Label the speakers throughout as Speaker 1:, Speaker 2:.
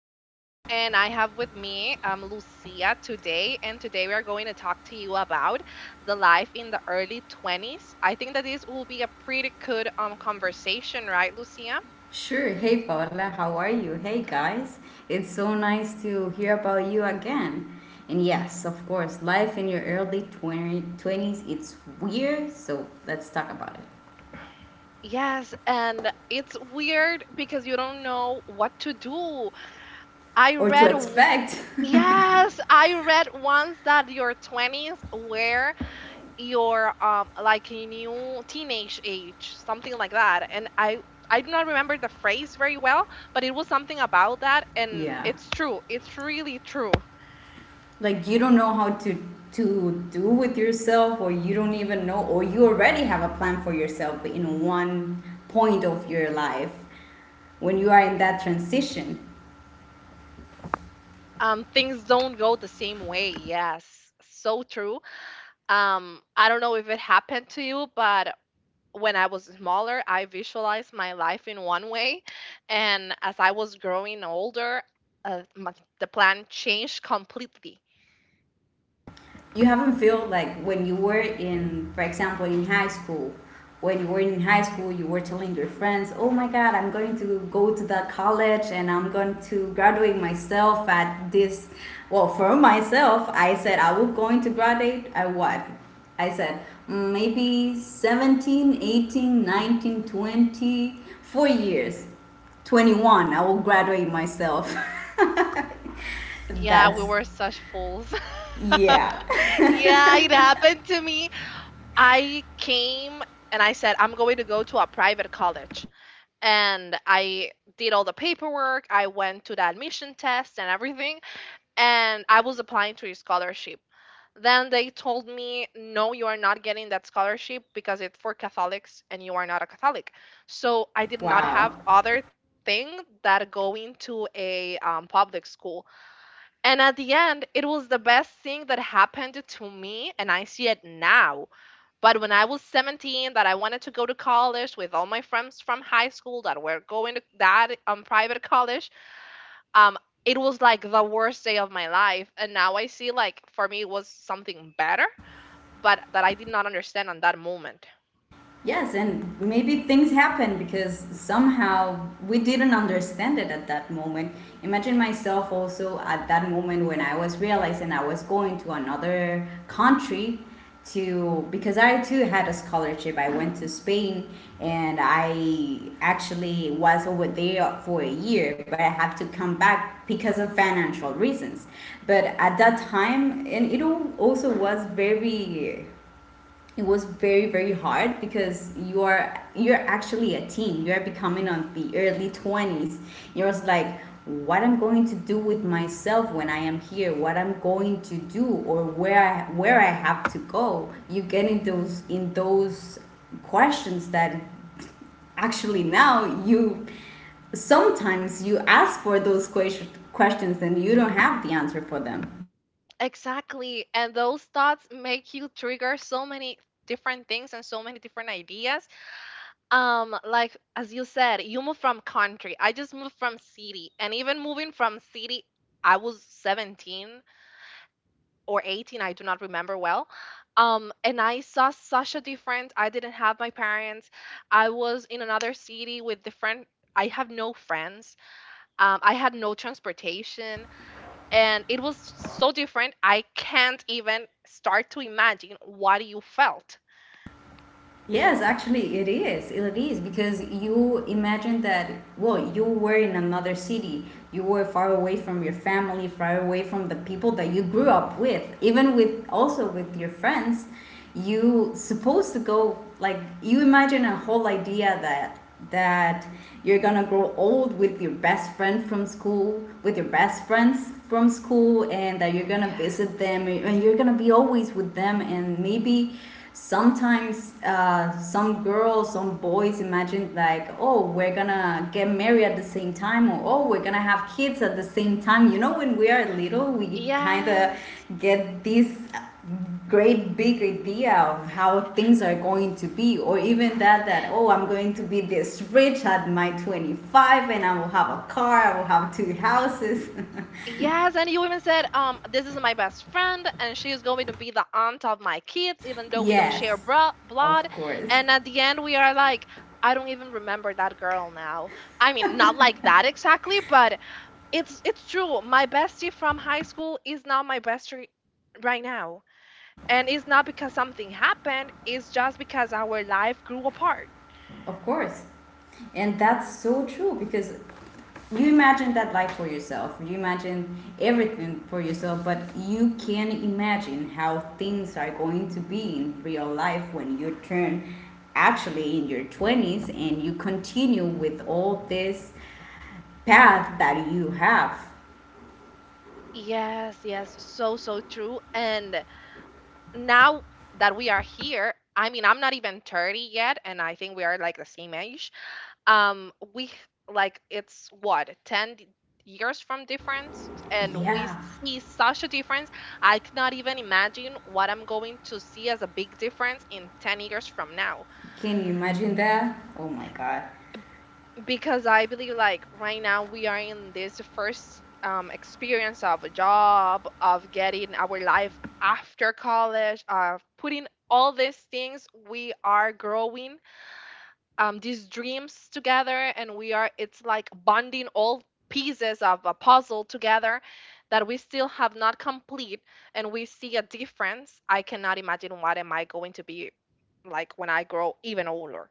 Speaker 1: Paola, and I have with me Lucia today. And today we are going to talk to you about the life in the early 20s. I think that this will be a pretty good conversation, right, Lucia?
Speaker 2: Sure. Hey, Paola, how are you? Hey, guys. It's so nice to hear about you again. And yes, of course, life in your early 20 twenties. It's weird, so let's talk about it.
Speaker 1: Yes, and it's weird because you don't know what to do. I
Speaker 2: Or to
Speaker 1: read, w-
Speaker 2: expect.
Speaker 1: yes, I read once that your 20s were your like a new teenage age, something like that, and I do not remember the phrase very well, but it was something about that, and
Speaker 2: Yeah.
Speaker 1: it's true, it's really true.
Speaker 2: Like you don't know how to do with yourself, or you don't even know, or you already have a plan for yourself in one point of your life when you are in that transition.
Speaker 1: Things don't go the same way, yes, so true. I don't know if it happened to you, but when I was smaller, I visualized my life in one way, and as I was growing older, uh, my, the plan changed completely.
Speaker 2: You haven't feel like when you were in, for example, in high school. When you were in high school, you were telling your friends, "Oh my God, I'm going to go to that college and I'm going to graduate myself at this." Well, for myself, I said I was going to graduate at what? I said, "Mm, maybe 17, 18, 19, 24 years. 21, I will graduate myself."
Speaker 1: Yeah, we
Speaker 2: That's...
Speaker 1: were such fools.
Speaker 2: Yeah.
Speaker 1: Yeah, it happened to me. I came and I said, I'm going to go to a private college. And I did all the paperwork. I went to the admission test and everything. And I was applying to a scholarship. Then they told me, no, you are not getting that scholarship because it's for Catholics and you are not a Catholic. So I did not have
Speaker 2: Wow.
Speaker 1: other thing that going to a public school. And at the end, it was the best thing that happened to me, and I see it now. But when I was 17, that I wanted to go to college with all my friends from high school that were going to that private college, um, it was like the worst day of my life. And now I see, like, for me, it was something better, but that I did not understand on that moment.
Speaker 2: Yes, and maybe things happen because somehow we didn't understand it at that moment. Imagine myself also at that moment when I was realizing I was going to another country to because I too had a scholarship. I went to Spain and I actually was over there for a year, but I have to come back because of financial reasons. But at that time, and also was very, it was very very hard, because you're actually a teen, you are becoming on the early 20s. You're just like, what I'm going to do with myself when I am here, what I'm going to do, or where I have to go? You get in those questions that actually now you sometimes you ask for those questions, and you don't have the answer for them.
Speaker 1: Exactly. And those thoughts make you trigger so many different things and so many different ideas. Like as you said, you moved from country. I just moved from city. And even moving from city, I was 17 or 18, I do not remember well. And I saw such a different. I didn't have my parents. I was in another city with different, I have no friends. I had no transportation, and it was so different. I can't even start to imagine what you felt.
Speaker 2: Yes, actually, it is. It is because you imagine that, well, you were in another city. You were far away from your family, far away from the people that you grew up with, even with also with your friends. You supposed to go like you imagine a whole idea that you're gonna grow old with your best friend from school, with your best friends from school, and that you're gonna
Speaker 1: Yes.
Speaker 2: visit them and you're gonna be always with them, and maybe sometimes some girls some boys imagine, like, oh, we're gonna get married at the same time, or oh, we're gonna have kids at the same time, when we are little we kind of
Speaker 1: Yes.
Speaker 2: get this great big idea of how things are going to be, or even that oh, I'm going to be this rich at my 25, and I will have a car, I will have two houses.
Speaker 1: Yes, and you even said, this is my best friend, and she is going to be the aunt of my kids, even though we don't share
Speaker 2: Yes, of
Speaker 1: blood.
Speaker 2: course.
Speaker 1: And at the end, we are like, I don't even remember that girl now. I mean, not like that exactly, but it's true. My bestie from high school is not my bestie right now, and it's not because something happened. It's just because our life grew apart.
Speaker 2: Of course. And that's so true because you imagine that life for yourself. You imagine everything for yourself, but you can imagine how things are going to be in real life when you turn actually in your 20s and you continue with all this path that you have.
Speaker 1: Yes, yes, so so true, and now that we are here, I mean, I'm not even 30 yet, and I think we are like the same age. We like it's what 10 years from difference, and we
Speaker 2: Yeah.
Speaker 1: see such a difference. I cannot even imagine what I'm going to see as a big difference in 10 years from now.
Speaker 2: Can you imagine that? Oh my God.
Speaker 1: Because I believe like right now we are in this first experience of a job, of getting our life after college, of putting all these things we are growing, these dreams together, and we are, it's like bonding all pieces of a puzzle together that we still have not complete, and we see a difference. I cannot imagine what am I going to be like when I grow even older.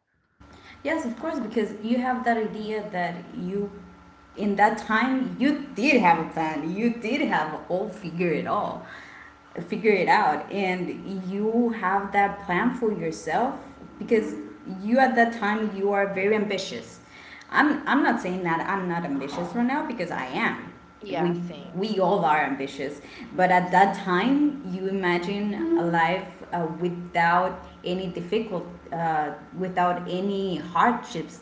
Speaker 2: Yes, of course, because you have that idea that you, in that time, you did have a plan. You did have all, figure it out, and you have that plan for yourself because you at that time you are very ambitious. I'm not saying that I'm not ambitious right now because I am.
Speaker 1: Yeah,
Speaker 2: We
Speaker 1: same.
Speaker 2: we all are ambitious, but at
Speaker 1: Yes
Speaker 2: that time, you imagine a life without any difficult, without any hardships.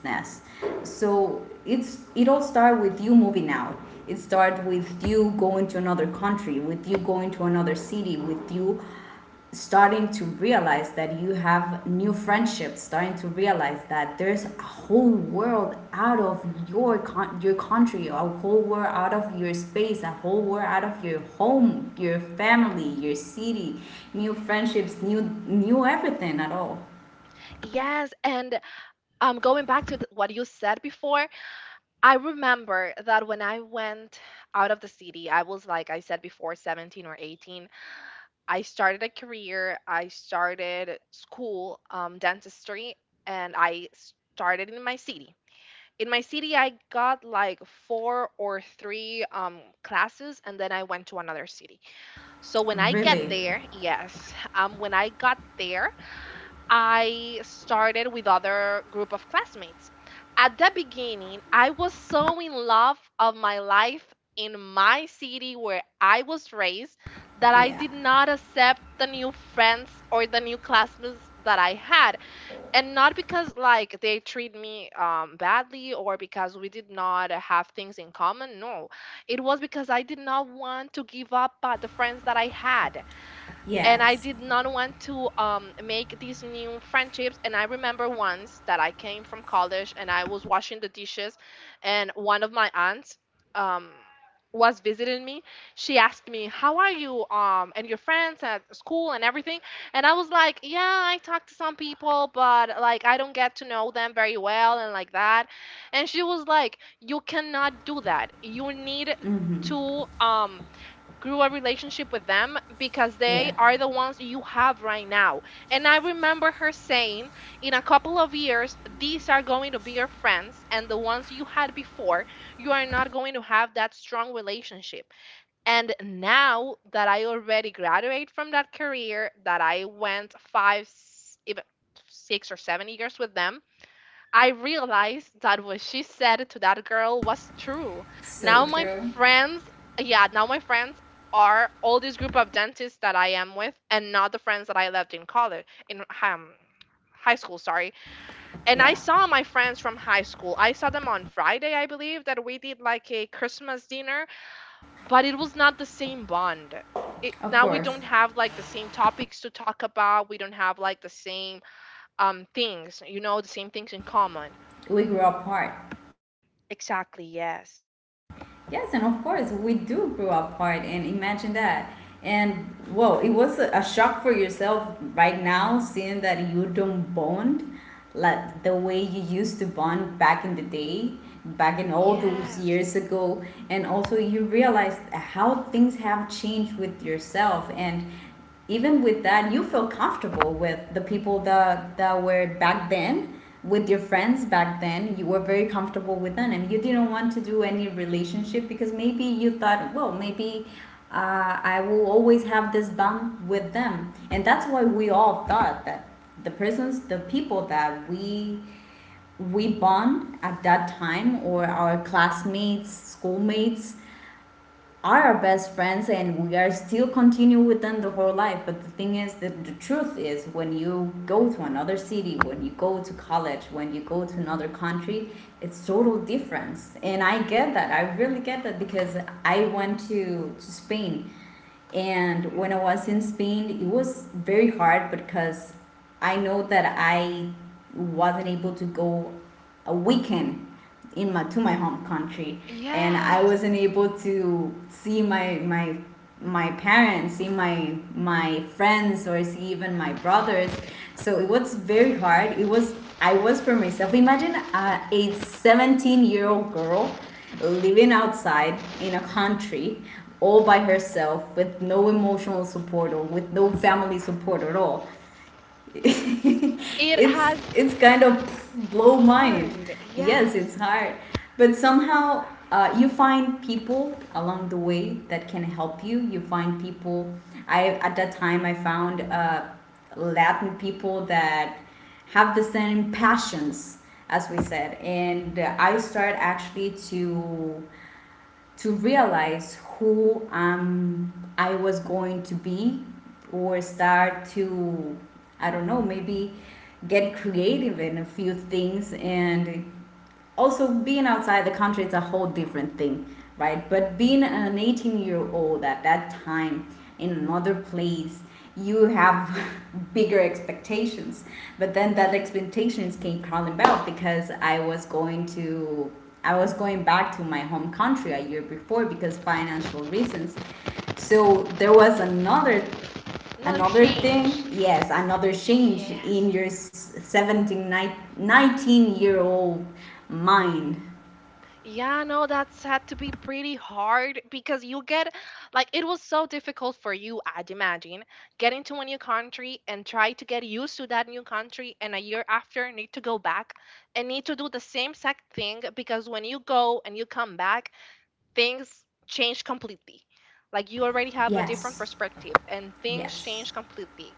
Speaker 2: So it all starts with you moving out. It starts with you going to another country, with you going to another city, with you starting to realize that you have new friendships, starting to realize that there's a whole world out of your country, a whole world out of your space, a whole world out of your home, your family, your city, new friendships, new everything at all.
Speaker 1: Yes, and going back to what you said before, I remember that when I went out of the city, I was, like I said before, 17 or 18. I started a career, I started school, dentistry, and I started in my city. In my city, I got like 4 or 3 classes, and then I went to another city. So when I get
Speaker 2: Really.
Speaker 1: there, yes, when I got there, I started with other group of classmates. At the beginning, I was so in love of my life in my city where I was raised that I
Speaker 2: Yeah.
Speaker 1: did not accept the new friends or the new classmates that I had. And not because like they treat me badly or because we did not have things in common. No, it was because I did not want to give up the friends that I had, and I
Speaker 2: Yes.
Speaker 1: did not want to make these new friendships. And I remember once that I came from college and I was washing the dishes, and one of my aunts um, was visiting me. She asked me, "How are you? And your friends at school and everything?" And I was like, "Yeah, I talk to some people, but like I don't get to know them very well and like that." And she was like, "You cannot do that. You need." To grew a relationship with them because they
Speaker 2: Yeah,
Speaker 1: are the ones you have right now. And I remember her saying, in a couple of years, these are going to be your friends, and the ones you had before, you are not going to have that strong relationship. And now that I already graduated from that career, that I went 5, even 6 or 7 years with them, I realized that what she said to that girl was true.
Speaker 2: so
Speaker 1: Now my
Speaker 2: true.
Speaker 1: friends, yeah, now my friends are all this group of dentists that I am with, and not the friends that I left in college in high school, sorry. And I
Speaker 2: Yeah,
Speaker 1: saw my friends from high school. I saw them on Friday, I believe, that we did like a Christmas dinner, but it was not the same bond. It,
Speaker 2: of
Speaker 1: now we don't
Speaker 2: course.
Speaker 1: have like the same topics to talk about. We don't have like the same things, you know, the same things in common.
Speaker 2: We grew apart.
Speaker 1: Exactly, yes.
Speaker 2: Yes, and of course we do grow apart, and imagine that. And whoa, it was a shock for yourself right now, seeing that you don't bond like the way you used to bond back in the day, back in all those
Speaker 1: Yes.
Speaker 2: years ago. And also you realize how things have changed with yourself and even with that, you feel comfortable with the people that were back then, with your friends back then. You were very comfortable with them, and you didn't want to do any relationship because maybe you thought, well, maybe. I will always have this bond with them, and that's why we all thought that the persons, the people that we bond at that time, or our classmates, schoolmates, are our best friends, and we are still continue with them the whole life. But the thing is that the truth is, when you go to another city, when you go to college, when you go to another country, it's total difference. And I get that, I really get that, because I went to Spain. And when
Speaker 1: Yeah.
Speaker 2: I was in Spain, it was very hard because I know that I wasn't able to go a weekend in my to my home country, and I
Speaker 1: Yes.
Speaker 2: wasn't able to see my my parents, see my friends, or see even my brothers. So it was very hard. It was I was for myself. Imagine a 17-year old girl living outside in a country all by herself with no emotional support or with no family support at all.
Speaker 1: It
Speaker 2: it's
Speaker 1: has
Speaker 2: it's kind of blow mind.
Speaker 1: hard.
Speaker 2: Yes,
Speaker 1: Yes.
Speaker 2: it's hard, but somehow you find people along the way that can help you. You find people. I, at that time, I found Latin people that have the same passions as we said, and I started actually to realize who I was going to be or start to, I don't know, maybe get creative in a few things. And also, being outside the country, it's a whole different thing, right? But being an 18-year-old at that time in another place, you have bigger expectations. But then that expectations came crawling back because I was going back to my home country a year before because financial reasons. So there was
Speaker 1: Another
Speaker 2: another
Speaker 1: change.
Speaker 2: thing. Yes, another change
Speaker 1: Yes.
Speaker 2: in your year old mind.
Speaker 1: Yeah, no, that's had to be pretty hard because you get, like it was so difficult for you, I'd imagine, getting to a new country and try to get used to that new country, and a year after need to go back and need to do the same exact thing, because when you go and you come back, things change completely. Like you already have a different
Speaker 2: Yes.
Speaker 1: perspective and things
Speaker 2: Yes.
Speaker 1: change completely.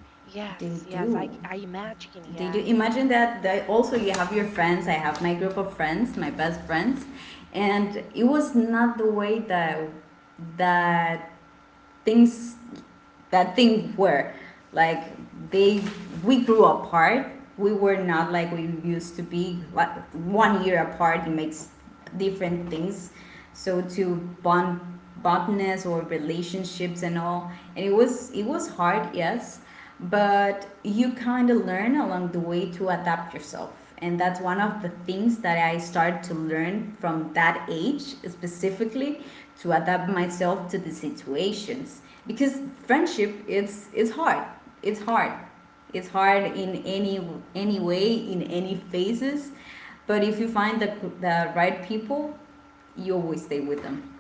Speaker 2: they
Speaker 1: Yes, yes,
Speaker 2: do
Speaker 1: I imagine,
Speaker 2: they
Speaker 1: yeah.
Speaker 2: do imagine that. That also you have your friends, I have my group of friends, my best friends, and it was not the way that things... That thing where, like, they we grew apart, we were not like we used to be. Like one year apart, it makes different things. So to bond bondness or relationships and all. And it was hard. Yes. But you kind of learn along the way to adapt yourself, and that's one of the things that I started to learn from that age specifically, to adapt myself to the situations. Because friendship, it's hard, it's hard, it's hard in any way, in any phases. But if you find the right people, you always stay with them.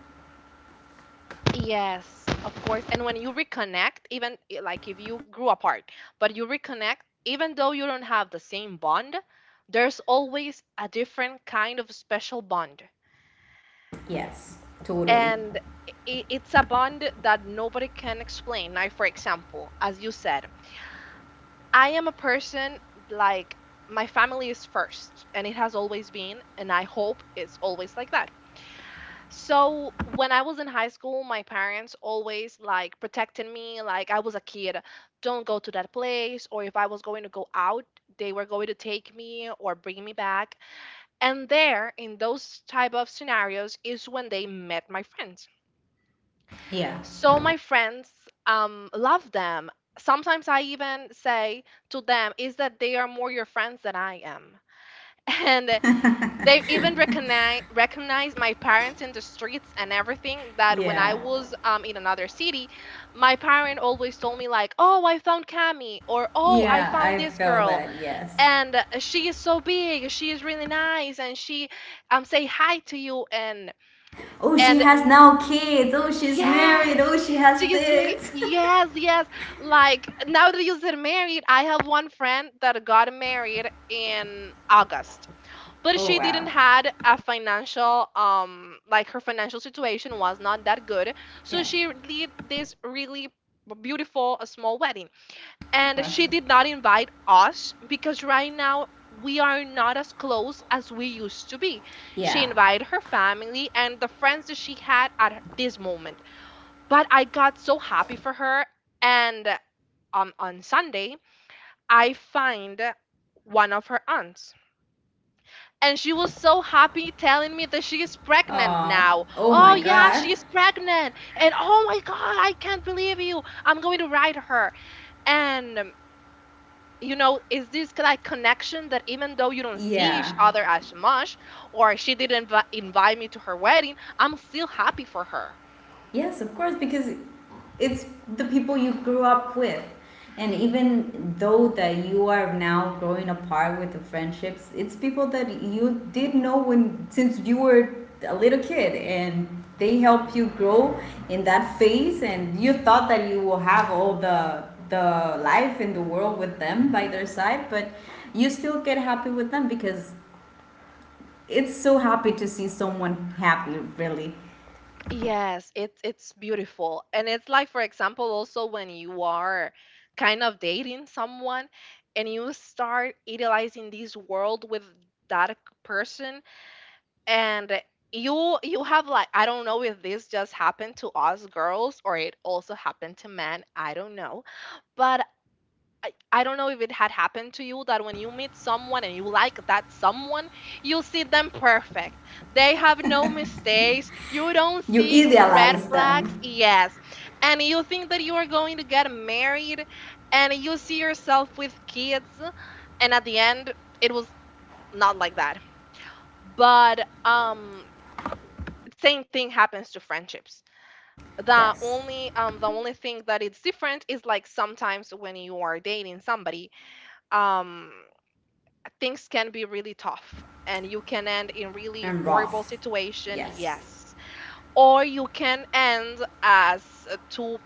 Speaker 1: Yes, of course. And when you reconnect, like if you grew apart, but you reconnect, even though you don't have the same bond, there's always a different kind of special bond.
Speaker 2: Yes. Totally.
Speaker 1: And it's a bond that nobody can explain. Like, for example, as you said, I am a person, like my family is first, and it has always been, and I hope it's always like that. So when I was in high school, my parents always like protected me, like I was a kid, don't go to that place, or if I was going to go out, they were going to take me or bring me back. And there, in those type of scenarios, is when they met my friends.
Speaker 2: Yeah.
Speaker 1: So my friends love them. Sometimes I even say to them is that they are more your friends than I am. And they even recognize my parents in the streets and everything, that when I
Speaker 2: Yeah.
Speaker 1: was in another city, my parent always told me like, "Oh, I found Cami," or "Oh, I
Speaker 2: Yeah,
Speaker 1: found
Speaker 2: I
Speaker 1: this
Speaker 2: felt
Speaker 1: girl.
Speaker 2: that, yes.
Speaker 1: And she is so big, she is really nice, and she say hi to you." and
Speaker 2: Oh, she
Speaker 1: and
Speaker 2: has now kids. Oh, she's married.
Speaker 1: yes,
Speaker 2: Oh, she
Speaker 1: she
Speaker 2: has
Speaker 1: is ma—
Speaker 2: this.
Speaker 1: yes, yes. Like now that you said married, I have one friend that got married in August, but
Speaker 2: Oh,
Speaker 1: she didn't
Speaker 2: wow.
Speaker 1: had a financial like her financial situation was not that good, so
Speaker 2: Yeah,
Speaker 1: she did this really beautiful a small wedding,
Speaker 2: of
Speaker 1: and
Speaker 2: course.
Speaker 1: she did not invite us because right now. We are not as close as we used to be. She
Speaker 2: Yeah.
Speaker 1: invited her family and the friends that she had at this moment, but I got so happy for her. And on Sunday, I find one of her aunts. And she was so happy telling me that she is pregnant
Speaker 2: Aw.
Speaker 1: now.
Speaker 2: Oh my
Speaker 1: Oh, yeah,
Speaker 2: god.
Speaker 1: she is pregnant. And oh my God, I can't believe you. I'm going to write her. And, you know, is this like connection that even though you don't see each
Speaker 2: Yeah.
Speaker 1: other as much, or she didn't invite me to her wedding, I'm still happy for her.
Speaker 2: Yes, of course, because it's the people you grew up with. And even though that you are now growing apart with the friendships, it's people that you did know when since you were a little kid, and they help you grow in that phase, and you thought that you will have all the life in the world with them by their side, but you still get happy with them because it's so happy to see someone happy really.
Speaker 1: Yes, it's beautiful. And it's like for example also when you are kind of dating someone and you start idealizing this world with that person, and you have like, I don't know if this just happened to us girls or it also happened to men, I don't know. But I don't know if it had happened to you that when you meet someone and you like that someone, you see them perfect. They have no mistakes. You don't
Speaker 2: You
Speaker 1: see red
Speaker 2: idealize
Speaker 1: flags.
Speaker 2: them.
Speaker 1: Yes. And you think that you are going to get married and you see yourself with kids. And at the end, it was not like that. But same thing happens to friendships.
Speaker 2: Yes.
Speaker 1: The only thing that it's different is like sometimes when you are dating somebody. Um, Things can be really tough and you can end in really
Speaker 2: And
Speaker 1: horrible
Speaker 2: rough.
Speaker 1: situation.
Speaker 2: Yes.
Speaker 1: Yes. Or you can end as two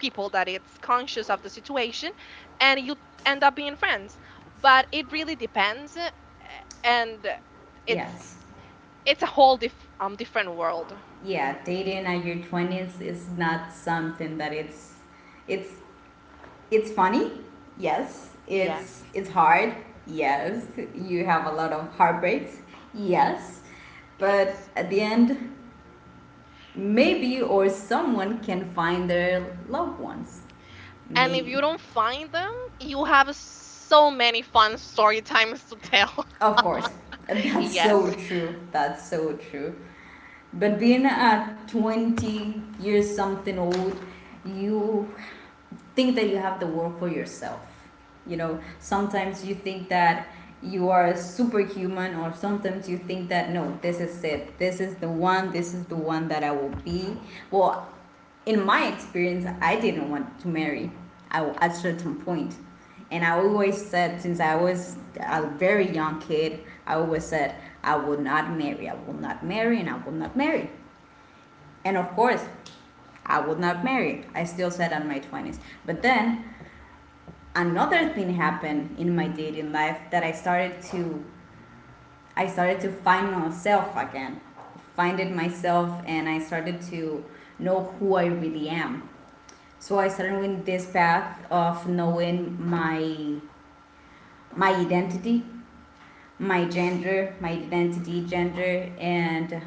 Speaker 1: people that it's conscious of the situation and you end up being friends, but it really depends. And it's
Speaker 2: Yes.
Speaker 1: it's a whole different world.
Speaker 2: Yeah, dating at your 20s is not something that it's it's funny. Yes.
Speaker 1: Yes,
Speaker 2: It's hard. Yes. You have a lot of heartbreaks. Yes. But
Speaker 1: yes.
Speaker 2: at the end, maybe or someone can find their loved ones.
Speaker 1: And if
Speaker 2: Maybe.
Speaker 1: you don't find them, you have so many fun story times to tell.
Speaker 2: Of course. That's
Speaker 1: Yes,
Speaker 2: so true. That's so true. But being at 20 years something old, you think that you have the world for yourself. You know, sometimes you think that you are a superhuman, or sometimes you think that no, this is it. This is the one. This is the one that I will be. Well, in my experience, I didn't want to marry. I, at certain point, and I always said, since I was a very young kid, I always said, I will not marry, I will not marry, and I will not marry. And of course, I would not marry. I still said on my 20s. But then another thing happened in my dating life that I started to find myself again. Find it myself, and I started to know who I really am. So I started with this path of knowing my identity my gender, my identity, gender, and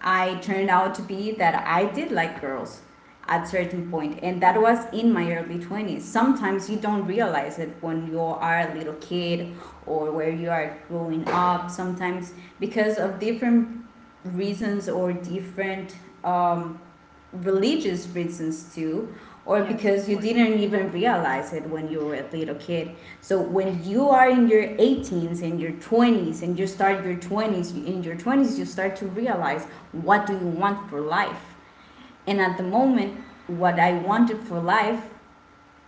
Speaker 2: I turned out to be that I did like girls at certain point, and that was in my early 20s. Sometimes you don't realize it when you are a little kid, or where you are growing up sometimes because of different reasons or different um, religious reasons too, or
Speaker 1: yes, of
Speaker 2: because you
Speaker 1: course.
Speaker 2: didn't even realize it when you were a little kid. So when you are in your 18s and your 20s, and you start your 20s, you start to realize what do you want for life. And at the moment, what I wanted for life,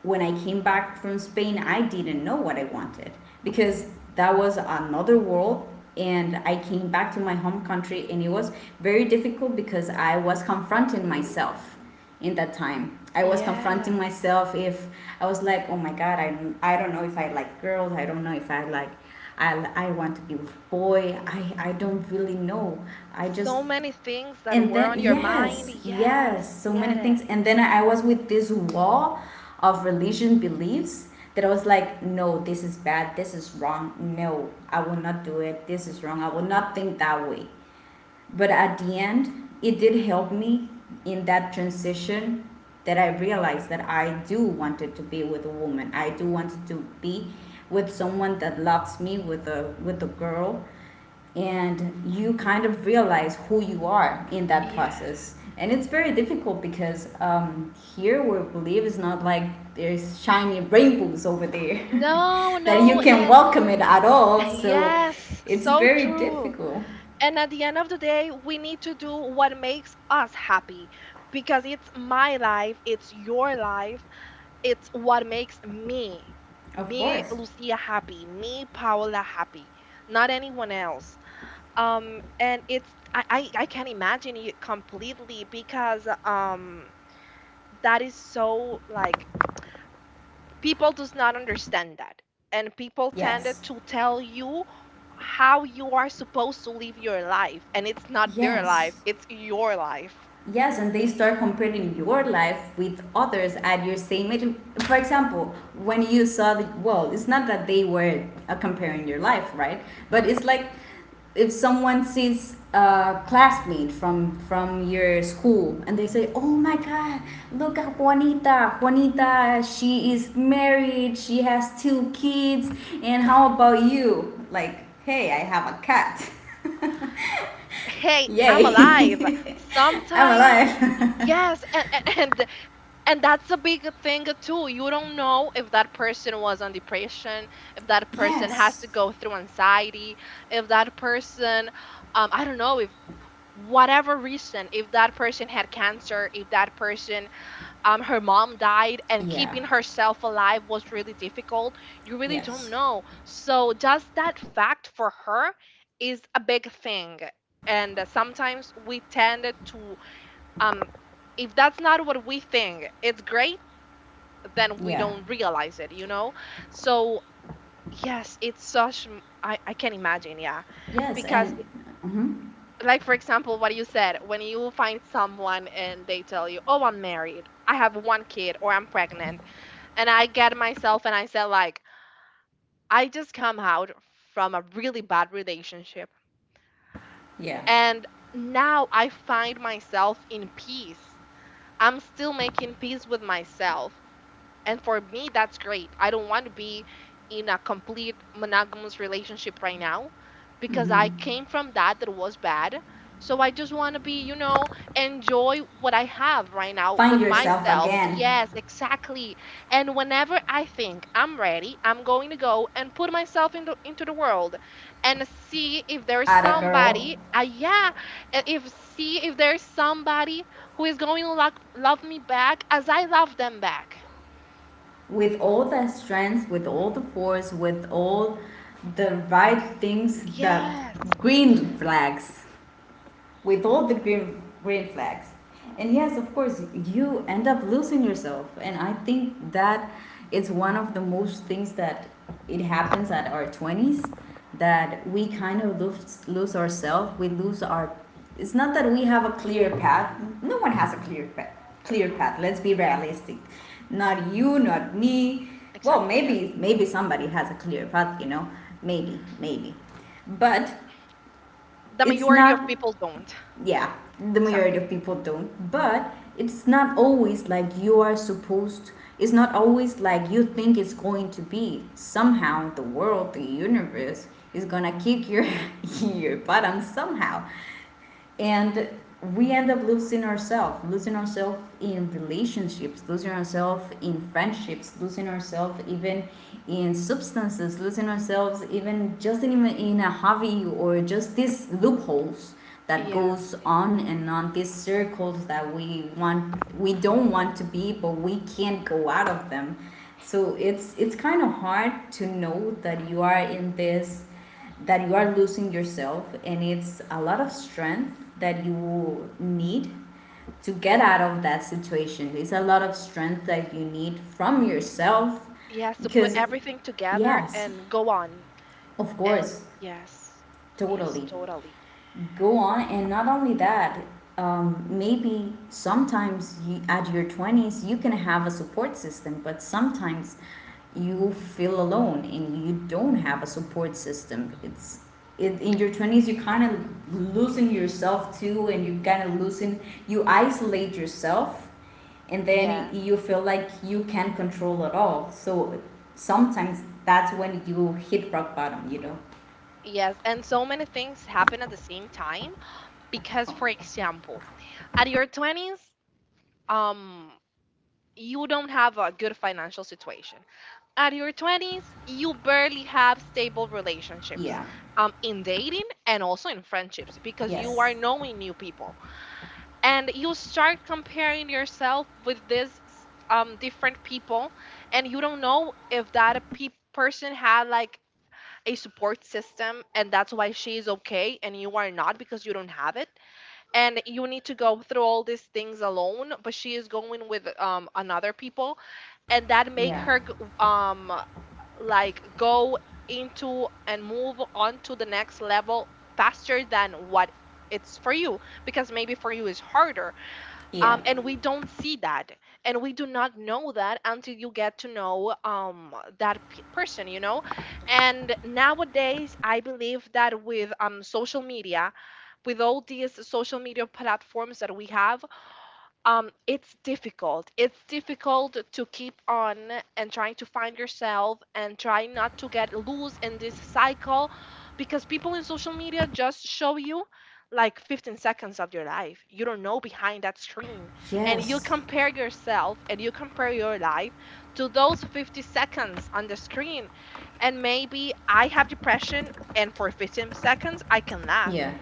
Speaker 2: when I came back from Spain, I didn't know what I wanted because that was another world. And I came back to my home country, and it was very difficult because I was confronting myself in that time. I was confronting
Speaker 1: Yes.
Speaker 2: myself if I was like, oh my God, I don't know if I like girls. I don't know if I want to be with boy. I don't really know. I just
Speaker 1: So many things that
Speaker 2: And
Speaker 1: were
Speaker 2: then,
Speaker 1: on your mind.
Speaker 2: yes,
Speaker 1: Yes,
Speaker 2: yes, so
Speaker 1: get
Speaker 2: many
Speaker 1: it.
Speaker 2: things. And then I was with this wall of religion beliefs, that I was like, no, this is bad, this is wrong, no, I will not do it, this is wrong, I will not think that way. But at the end, it did help me in that transition, that I realized that I do wanted to be with a woman, I do wanted to be with someone that loves me, with a girl and you kind of realize who you are in that
Speaker 1: Yeah.
Speaker 2: process, and it's very difficult because, here where we live is not like there's shiny rainbows over there
Speaker 1: No,
Speaker 2: that you
Speaker 1: no.
Speaker 2: can
Speaker 1: And
Speaker 2: welcome it at all. So
Speaker 1: yes,
Speaker 2: it's
Speaker 1: so
Speaker 2: very
Speaker 1: true.
Speaker 2: difficult.
Speaker 1: And at the end of the day, we need to do what makes us happy, because it's my life, it's your life, it's what makes me,
Speaker 2: Of
Speaker 1: me,
Speaker 2: course.
Speaker 1: Lucia, happy, me, Paola, happy, not anyone else. And it's I can't imagine it completely because that is so like people does not understand that, and people tended
Speaker 2: Yes.
Speaker 1: to tell you how you are supposed to live your life, and it's not their life,
Speaker 2: Yes.
Speaker 1: it's your life.
Speaker 2: Yes, and they start comparing your life with others at your same age. For example, when you saw the well, it's not that they were comparing your life, right? But it's like if someone sees a classmate from your school, and they say, "Oh my God, look at Juanita! Juanita, she is married. She has two kids. And how about you? Like, hey, I have a cat.
Speaker 1: Hey, I'm alive.
Speaker 2: Yay, I'm
Speaker 1: Sometime.
Speaker 2: alive."
Speaker 1: Yes, and and that's a big thing too. You don't know if that person was on depression, if that person has
Speaker 2: Yes.
Speaker 1: to go through anxiety, if that person, I don't know if, whatever reason, if that person had cancer, if that person, her mom died and
Speaker 2: Yeah.
Speaker 1: keeping herself alive was really difficult. You really don't
Speaker 2: Yes.
Speaker 1: know, so just that fact for her is a big thing. And sometimes we tend to, um if that's not what we think it's great, then we
Speaker 2: Yeah.
Speaker 1: don't realize it, you know. So yes, it's such, I can imagine. Yeah.
Speaker 2: Yes.
Speaker 1: Because
Speaker 2: And mhm.
Speaker 1: like for example what you said, when you find someone and they tell you, oh, I'm married, I have one kid, or I'm pregnant, and I get myself and I say like, I just come out from a really bad relationship,
Speaker 2: Yeah.
Speaker 1: and now I find myself in peace. I'm still making peace with myself, and for me that's great. I don't want to be in a complete monogamous relationship right now, because I came from that, that was bad. So I just want to be, you know, enjoy what I have right now
Speaker 2: Find
Speaker 1: with
Speaker 2: yourself
Speaker 1: myself.
Speaker 2: again.
Speaker 1: Yes, exactly. And whenever I think I'm ready, I'm going to go and put myself into the world and see if there's
Speaker 2: Ada girl.
Speaker 1: somebody. Yeah. If See if there's somebody who is going to love me back as I love them back.
Speaker 2: With all the strength, with all the force, with all the right things, the
Speaker 1: Yes,
Speaker 2: green flags. With all the green flags. And yes, of course, you end up losing yourself, and I think that it's one of the most things that it happens at our 20s, that we kind of lose ourselves. We lose our It's not that we have a clear path, no one has a clear path, let's be realistic. Not you, not me. Well,
Speaker 1: exactly, yes.
Speaker 2: maybe, somebody has a clear path, you know. Maybe, but
Speaker 1: The
Speaker 2: it's
Speaker 1: majority of
Speaker 2: not.
Speaker 1: people don't.
Speaker 2: Yeah, the majority
Speaker 1: Exactly.
Speaker 2: of people don't. But it's not always like you are supposed. It's not always like you think it's going to be. Somehow, the world, the universe is gonna kick your your bottom somehow. And we end up losing ourselves in relationships, losing ourselves in friendships, losing ourselves even in substances, losing ourselves even just in a hobby, or just these loopholes that goes
Speaker 1: Yes.
Speaker 2: on and on, these circles that we want, we don't want to be, but we can't go out of them. So it's kind of hard to know that you are in this, that you are losing yourself, and it's a lot of strength that you need to get out of that situation. It's a lot of strength that you need from yourself
Speaker 1: Yes, to put
Speaker 2: because,
Speaker 1: everything together
Speaker 2: yes,
Speaker 1: and go on.
Speaker 2: of
Speaker 1: And
Speaker 2: course,
Speaker 1: yes. Yes,
Speaker 2: totally,
Speaker 1: totally.
Speaker 2: go on. And not only that, maybe sometimes at your 20s you can have a support system, but sometimes you feel alone and you don't have a support system. In your 20s you kind of loosen yourself too, and you kind of loosen, you isolate yourself. And
Speaker 1: Yeah.
Speaker 2: then you feel like you can't control at all. So sometimes that's when you hit rock bottom.
Speaker 1: Yes, and so many things happen at the same time, because for example, at your 20s, um you don't have a good financial situation. At your 20s, you barely have stable relationships
Speaker 2: Yeah.
Speaker 1: in dating and also in friendships, because you
Speaker 2: Yes.
Speaker 1: are knowing new people, and you start comparing yourself with these different people, and you don't know if that person had like a support system and that's why she is okay and you are not, because you don't have it and you need to go through all these things alone, but she is going with another people, and that make
Speaker 2: Yeah.
Speaker 1: her um, like go into and move on to the next level faster than what it's for you, because maybe for you is harder.
Speaker 2: Yeah.
Speaker 1: And we don't see that, and we do not know that until you get to know that person, you know. And nowadays I believe that with social media, with all these social media platforms that we have, it's difficult, it's difficult to keep on and trying to find yourself and try not to get loose in this cycle, because people in social media just show you like 15 seconds of your life. You don't know behind that screen, and you
Speaker 2: Yes.
Speaker 1: compare yourself and you compare your life to those 50 seconds on the screen. And maybe I have depression, and for 15 seconds I can laugh,
Speaker 2: Yeah.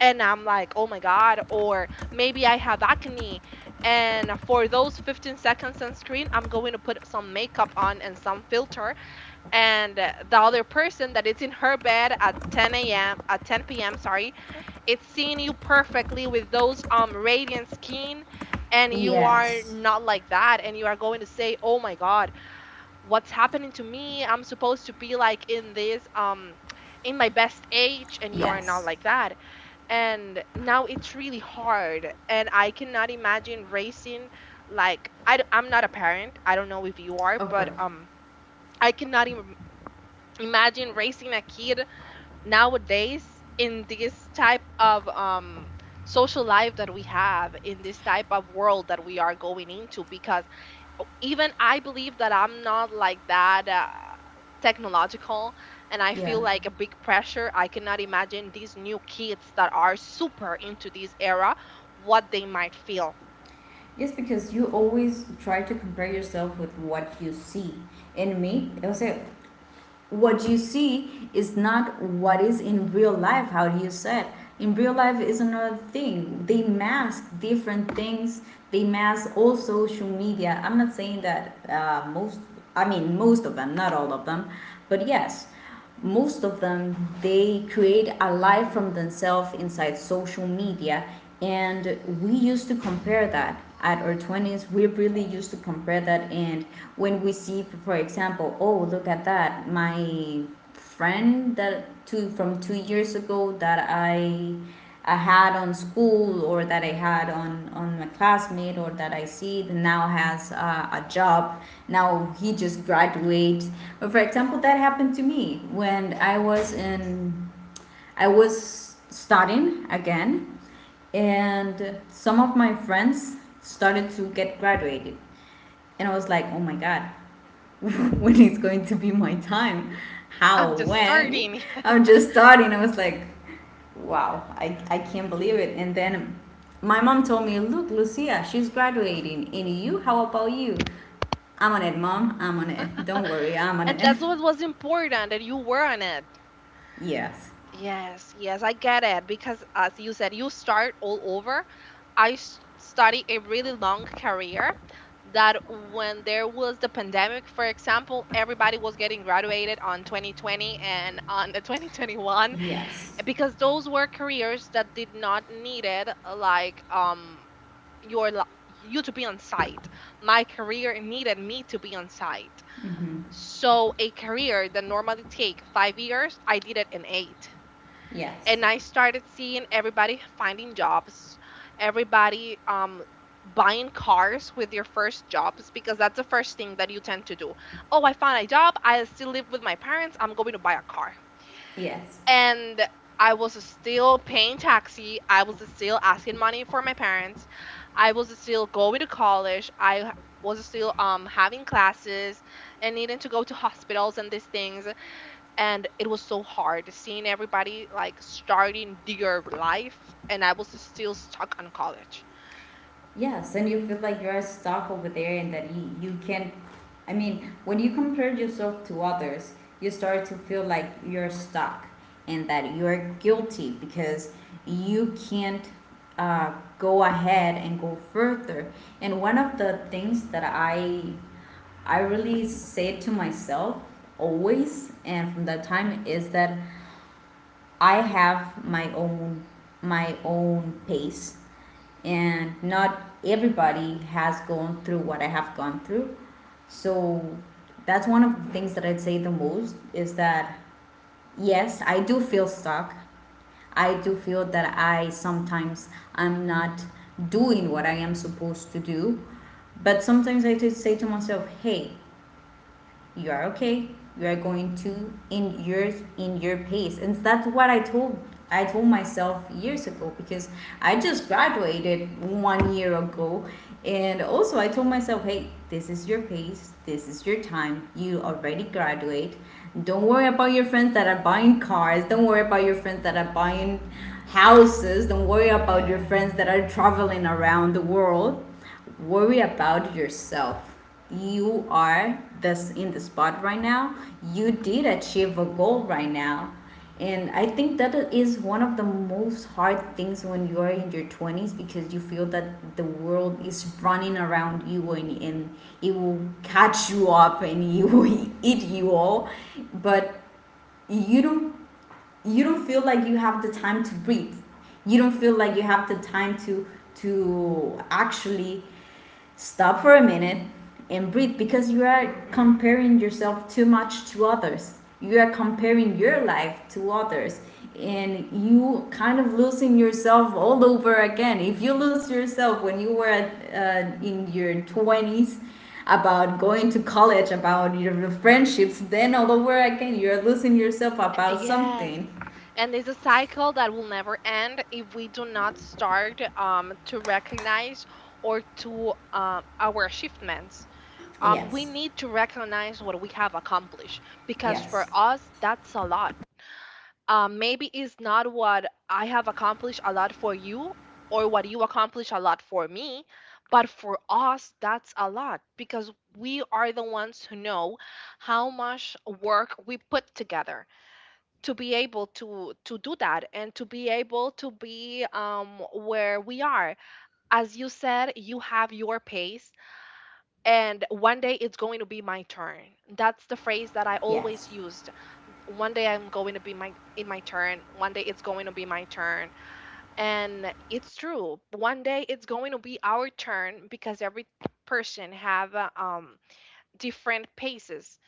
Speaker 1: and I'm like, oh my God. Or maybe I have acne, and for those 15 seconds on screen, I'm going to put some makeup on and some filter. And the other person that is in her bed at 10 a.m., at 10 p.m., sorry, it's seeing you perfectly with those radiant skin. And you are
Speaker 2: Yes.
Speaker 1: not like that, and you are going to say, oh my God, what's happening to me? I'm supposed to be like in this, in my best age. And you are not
Speaker 2: Yes.
Speaker 1: like that. And now it's really hard, and I cannot imagine raising, like, am not a parent, I don't know if you are,
Speaker 2: Of
Speaker 1: but
Speaker 2: course.
Speaker 1: I cannot imagine raising a kid nowadays in this type of social life that we have, in this type of world that we are going into, because even I believe that I'm not like that, technological, and I
Speaker 2: Yeah.
Speaker 1: feel like a big pressure. I cannot imagine these new kids that are super into this era, what they might feel.
Speaker 2: Yes, because you always try to compare yourself with what you see. In me, I would say, what you see is not what is in real life. How do you say it? In real life is another thing. They mask different things. They mask all social media. I'm not saying that most. I mean, most of them, not all of them, but yes. Most of them, they create a life from themselves inside social media, and we used to compare that at our 20s. We really used to compare that. And when we see, for example, oh, look at that, my friend that two from 2 years ago that I had on school, or that I had on my classmate, or that I see that now has a job, now he just graduates. But for example, that happened to me when I was in, I was studying again, and some of my friends started to get graduated, and I was like, oh my God, when it's going to be my time.
Speaker 1: I'm
Speaker 2: How?
Speaker 1: just
Speaker 2: When?
Speaker 1: starting.
Speaker 2: I'm just starting. I was like, wow, I can't believe it. And then my mom told me, look, Lucia, she's graduating. And you, how about you? I'm on it, mom. I'm on it. Don't worry, I'm on
Speaker 1: And
Speaker 2: it.
Speaker 1: that's what was important, that you were on it.
Speaker 2: Yes.
Speaker 1: Yes, yes, I get it, because as you said, you start all over. I study a really long career, that when there was the pandemic, for example, everybody was getting graduated on 2020 and on the 2021,
Speaker 2: Yes.
Speaker 1: because those were careers that did not needed, like your you to be on site. My career needed me to be on site.
Speaker 2: Hmm.
Speaker 1: So a career that normally take 5 years, I did it in 8.
Speaker 2: Yes.
Speaker 1: And I started seeing everybody finding jobs, everybody buying cars with their first jobs, because that's the first thing that you tend to do. Oh, I found a job. I still live with my parents. I'm going to buy a car.
Speaker 2: Yes.
Speaker 1: And I was still paying taxi. I was still asking money for my parents. I was still going to college. I was still having classes and needing to go to hospitals and these things. And it was so hard seeing everybody like starting their life, and I was still stuck on college.
Speaker 2: Yes, and you feel like you're stuck over there and that you can not. I mean, when you compare yourself to others, you start to feel like you're stuck, and that you're guilty because you can't, uh, go ahead and go further. And one of the things that I really say to myself always and from that time is that I have my own pace, and not everybody has gone through what I have gone through. So that's one of the things that I'd say the most is that, yes, I do feel stuck. I do feel that I sometimes I'm not doing what I am supposed to do. But sometimes I just say to myself, hey, you are okay, you are going to, in your pace. And that's what I told myself years ago because I just graduated one year ago. And also I told myself, hey, this is your pace, this is your time, you already graduate, don't worry about your friends that are buying cars, don't worry about your friends that are buying houses, don't worry about your friends
Speaker 1: Yes.
Speaker 2: that are traveling around the world. Worry about yourself. You are this in the spot right now. You did achieve a goal right now. And I think that is one of the most hard things when you are in your 20s, because you feel that the world is running around you, and it will catch you up and it will eat you all. But you don't you don't feel like you have the time to breathe. You don't feel like you have the time to actually stop for a minute and breathe, because you are comparing yourself too much to others. You are comparing your life to others, and you kind of losing yourself all over again. If you lose yourself when you were, in your 20s, about going to college, about your friendships, then all over again you're losing yourself about
Speaker 1: Yes.
Speaker 2: something.
Speaker 1: And it's a cycle that will never end if we do not start, to recognize or to, our achievements. We
Speaker 2: Yes,
Speaker 1: need to recognize what we have accomplished, because for
Speaker 2: yes,
Speaker 1: us that's a lot. Maybe it's not what I have accomplished a lot for you, or what you accomplish a lot for me, but for us, that's a lot, because we are the ones who know how much work we put together to be able to do that, and to be able to be where we are. As you said, you have your pace, and one day it's going to be my turn. That's the phrase that I always
Speaker 2: yes.
Speaker 1: use. One day I'm going to be my in my turn. One day it's going to be my turn. And it's true. One day it's going to be our turn, because every person have different paces.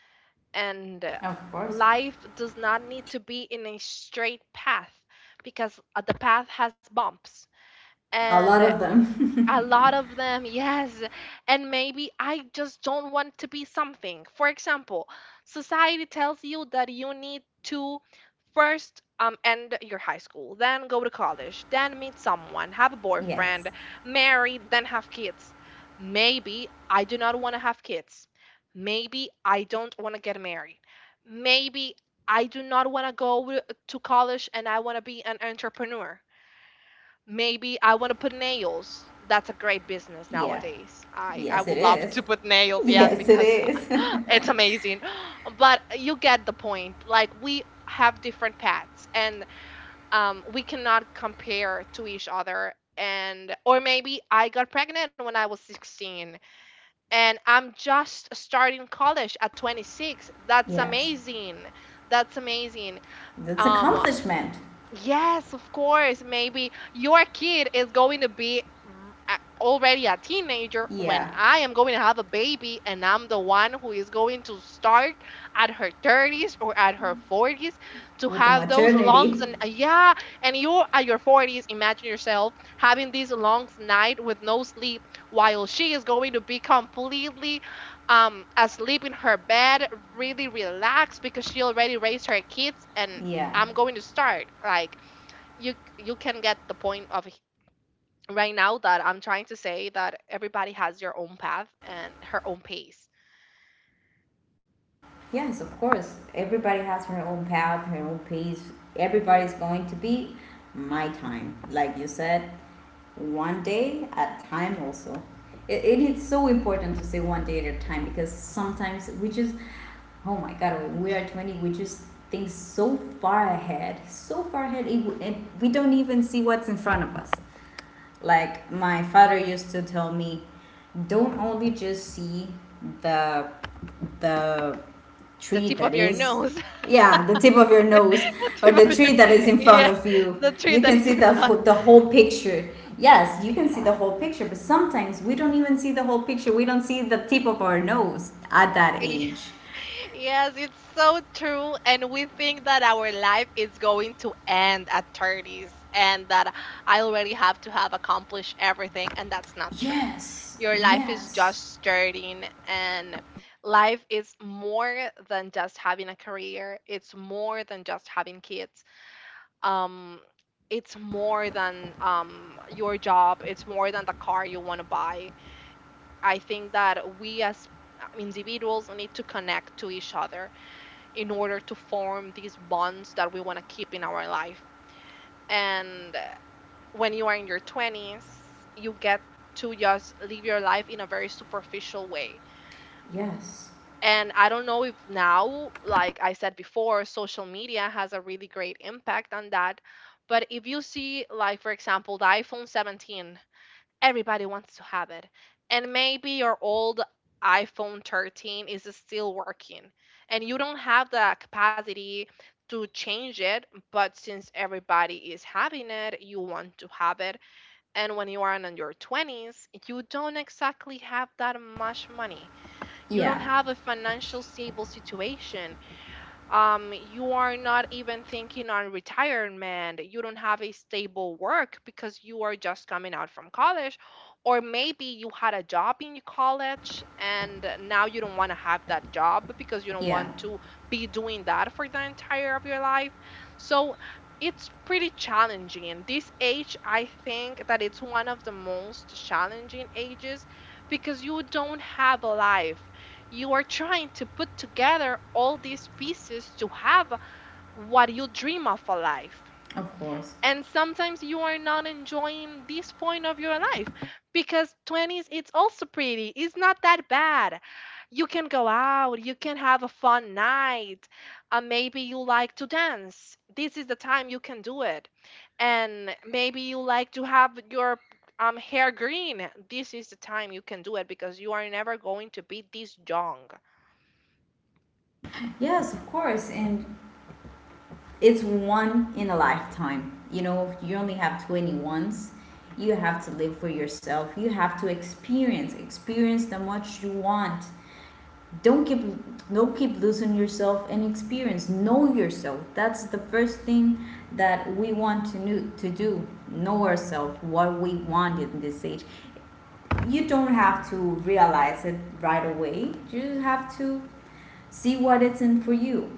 Speaker 1: And
Speaker 2: Of course.
Speaker 1: life does not need to be in a straight path, because the path has bumps.
Speaker 2: A
Speaker 1: And
Speaker 2: lot of them.
Speaker 1: a lot of them, yes. And maybe I just don't want to be something. For example, society tells you that you need to first end your high school, then go to college, then meet someone, have a
Speaker 2: Yes.
Speaker 1: boyfriend, marry, then have kids. Maybe I do not want to have kids. Maybe I don't want to get married. Maybe I do not want to go to college and I want to be an entrepreneur. Maybe I want to put nails. That's a great business
Speaker 2: Yeah.
Speaker 1: nowadays. I
Speaker 2: Yes, it
Speaker 1: would love
Speaker 2: is.
Speaker 1: to put nails, yes,
Speaker 2: Yes, it
Speaker 1: because
Speaker 2: is.
Speaker 1: it's amazing. But you get the point. Like we have different paths, and we cannot compare to each other. And or maybe I got pregnant when I was 16 and I'm just starting college at 26. That's
Speaker 2: Yes,
Speaker 1: amazing. That's amazing.
Speaker 2: that's
Speaker 1: Um,
Speaker 2: accomplishment.
Speaker 1: Yes, of course. Maybe your kid is going to be already a teenager when
Speaker 2: Yeah,
Speaker 1: I am going to have a baby, and I'm the one who is going to start at her 30s or at her 40s to
Speaker 2: with the
Speaker 1: have those longs
Speaker 2: maternity.
Speaker 1: and yeah, and you at your 40s, imagine yourself having these long night with no sleep while she is going to be completely asleep in her bed, really relaxed because she already raised her kids and
Speaker 2: Yeah.
Speaker 1: I'm going to start. Like you can get the point of right now that I'm trying to say that everybody has your own path and her own pace.
Speaker 2: Yes, of course. Everybody has her own path, her own pace. Everybody's going to be my time. Like you said, one day at a time also. It is so important to say one day at a time, because sometimes we just, oh my God, when we are 20, we just think so far ahead, and we don't even see what's in front of us. Like my father used to tell me, don't only just see the, the
Speaker 1: The
Speaker 2: tree
Speaker 1: tip
Speaker 2: that
Speaker 1: of your
Speaker 2: is,
Speaker 1: nose,
Speaker 2: yeah, the tip of your nose,
Speaker 1: the
Speaker 2: or
Speaker 1: tip
Speaker 2: the
Speaker 1: of your
Speaker 2: tree that is in front
Speaker 1: yeah,
Speaker 2: of you.
Speaker 1: the tree
Speaker 2: You
Speaker 1: that
Speaker 2: can
Speaker 1: is
Speaker 2: see
Speaker 1: in
Speaker 2: the
Speaker 1: front.
Speaker 2: wh- the whole picture. Yes, you can see the whole picture, but sometimes we don't even see the whole picture, we don't see the tip of our nose at that
Speaker 1: Yeah.
Speaker 2: age.
Speaker 1: Yes, it's so true. And we think that our life is going to end at 30s and that I already have to have accomplished everything. And that's not true.
Speaker 2: Yes.
Speaker 1: Your life is
Speaker 2: Yes.
Speaker 1: just starting, and life is more than just having a career, it's more than just having kids. Um, it's more than your job, it's more than the car you want to buy. I think that we as individuals need to connect to each other in order to form these bonds that we want to keep in our life. And When you are in your 20s, you get to just live your life in a very superficial way.
Speaker 2: Yes.
Speaker 1: And I don't know if now, like I said before, social media has a really great impact on that. But if you see, like, for example, the iPhone 17 everybody wants to have it. And maybe your old iPhone 13 is still working and you don't have the capacity to change it, but since everybody is having it, you want to have it. And when you are in your 20s, you don't exactly have that much money. You don't
Speaker 2: Yeah.
Speaker 1: have a financial stable situation, you are not even thinking on retirement. You don't have a stable work because you are just coming out from college, or maybe you had a job in college and now you don't want to have that job because you don't
Speaker 2: Yeah.
Speaker 1: want to be doing that for the entire of your life. So it's pretty challenging. And this age, I think that it's one of the most challenging ages because you don't have a life, you are trying to put together all these pieces to have what you dream of a life.
Speaker 2: Of course.
Speaker 1: And sometimes you are not enjoying this point of your life because 20s it's also pretty. It's not that bad. You can go out, you can have a fun night. Maybe you like to dance. This is the time you can do it. And maybe you like to have your hair green. This is the time you can do it because you are never going to be this young.
Speaker 2: Yes, of course, and it's one in a lifetime. You know, you only have 20 once. You have to live for yourself. You have to experience, experience the much you want. Don't keep don't keep losing yourself and experience. Know yourself. That's the first thing that we want to know, to do. Know ourselves, what we want in this age. You don't have to realize it right away. You have to see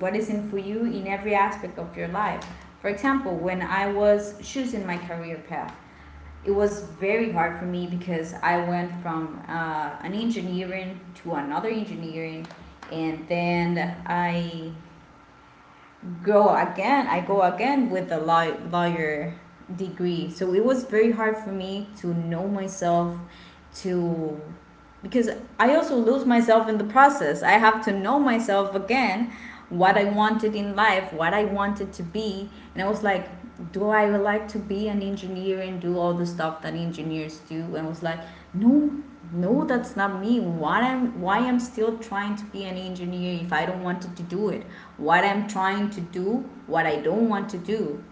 Speaker 2: what is in for you in every aspect of your life. For example, when I was choosing my career path, it was very hard for me because I went from an engineering to another engineering, and then I go again with the lawyer degree. So it was very hard for me to know myself, to because I also lose myself in the process. I have to know myself again, what I wanted in life, what I wanted to be. And I was like, do I like to be an engineer and do all the stuff that engineers do? And I was like, no, no, that's not me. Why I'm still trying to be an engineer if I don't want to do it? What I'm trying to do, what I don't want to do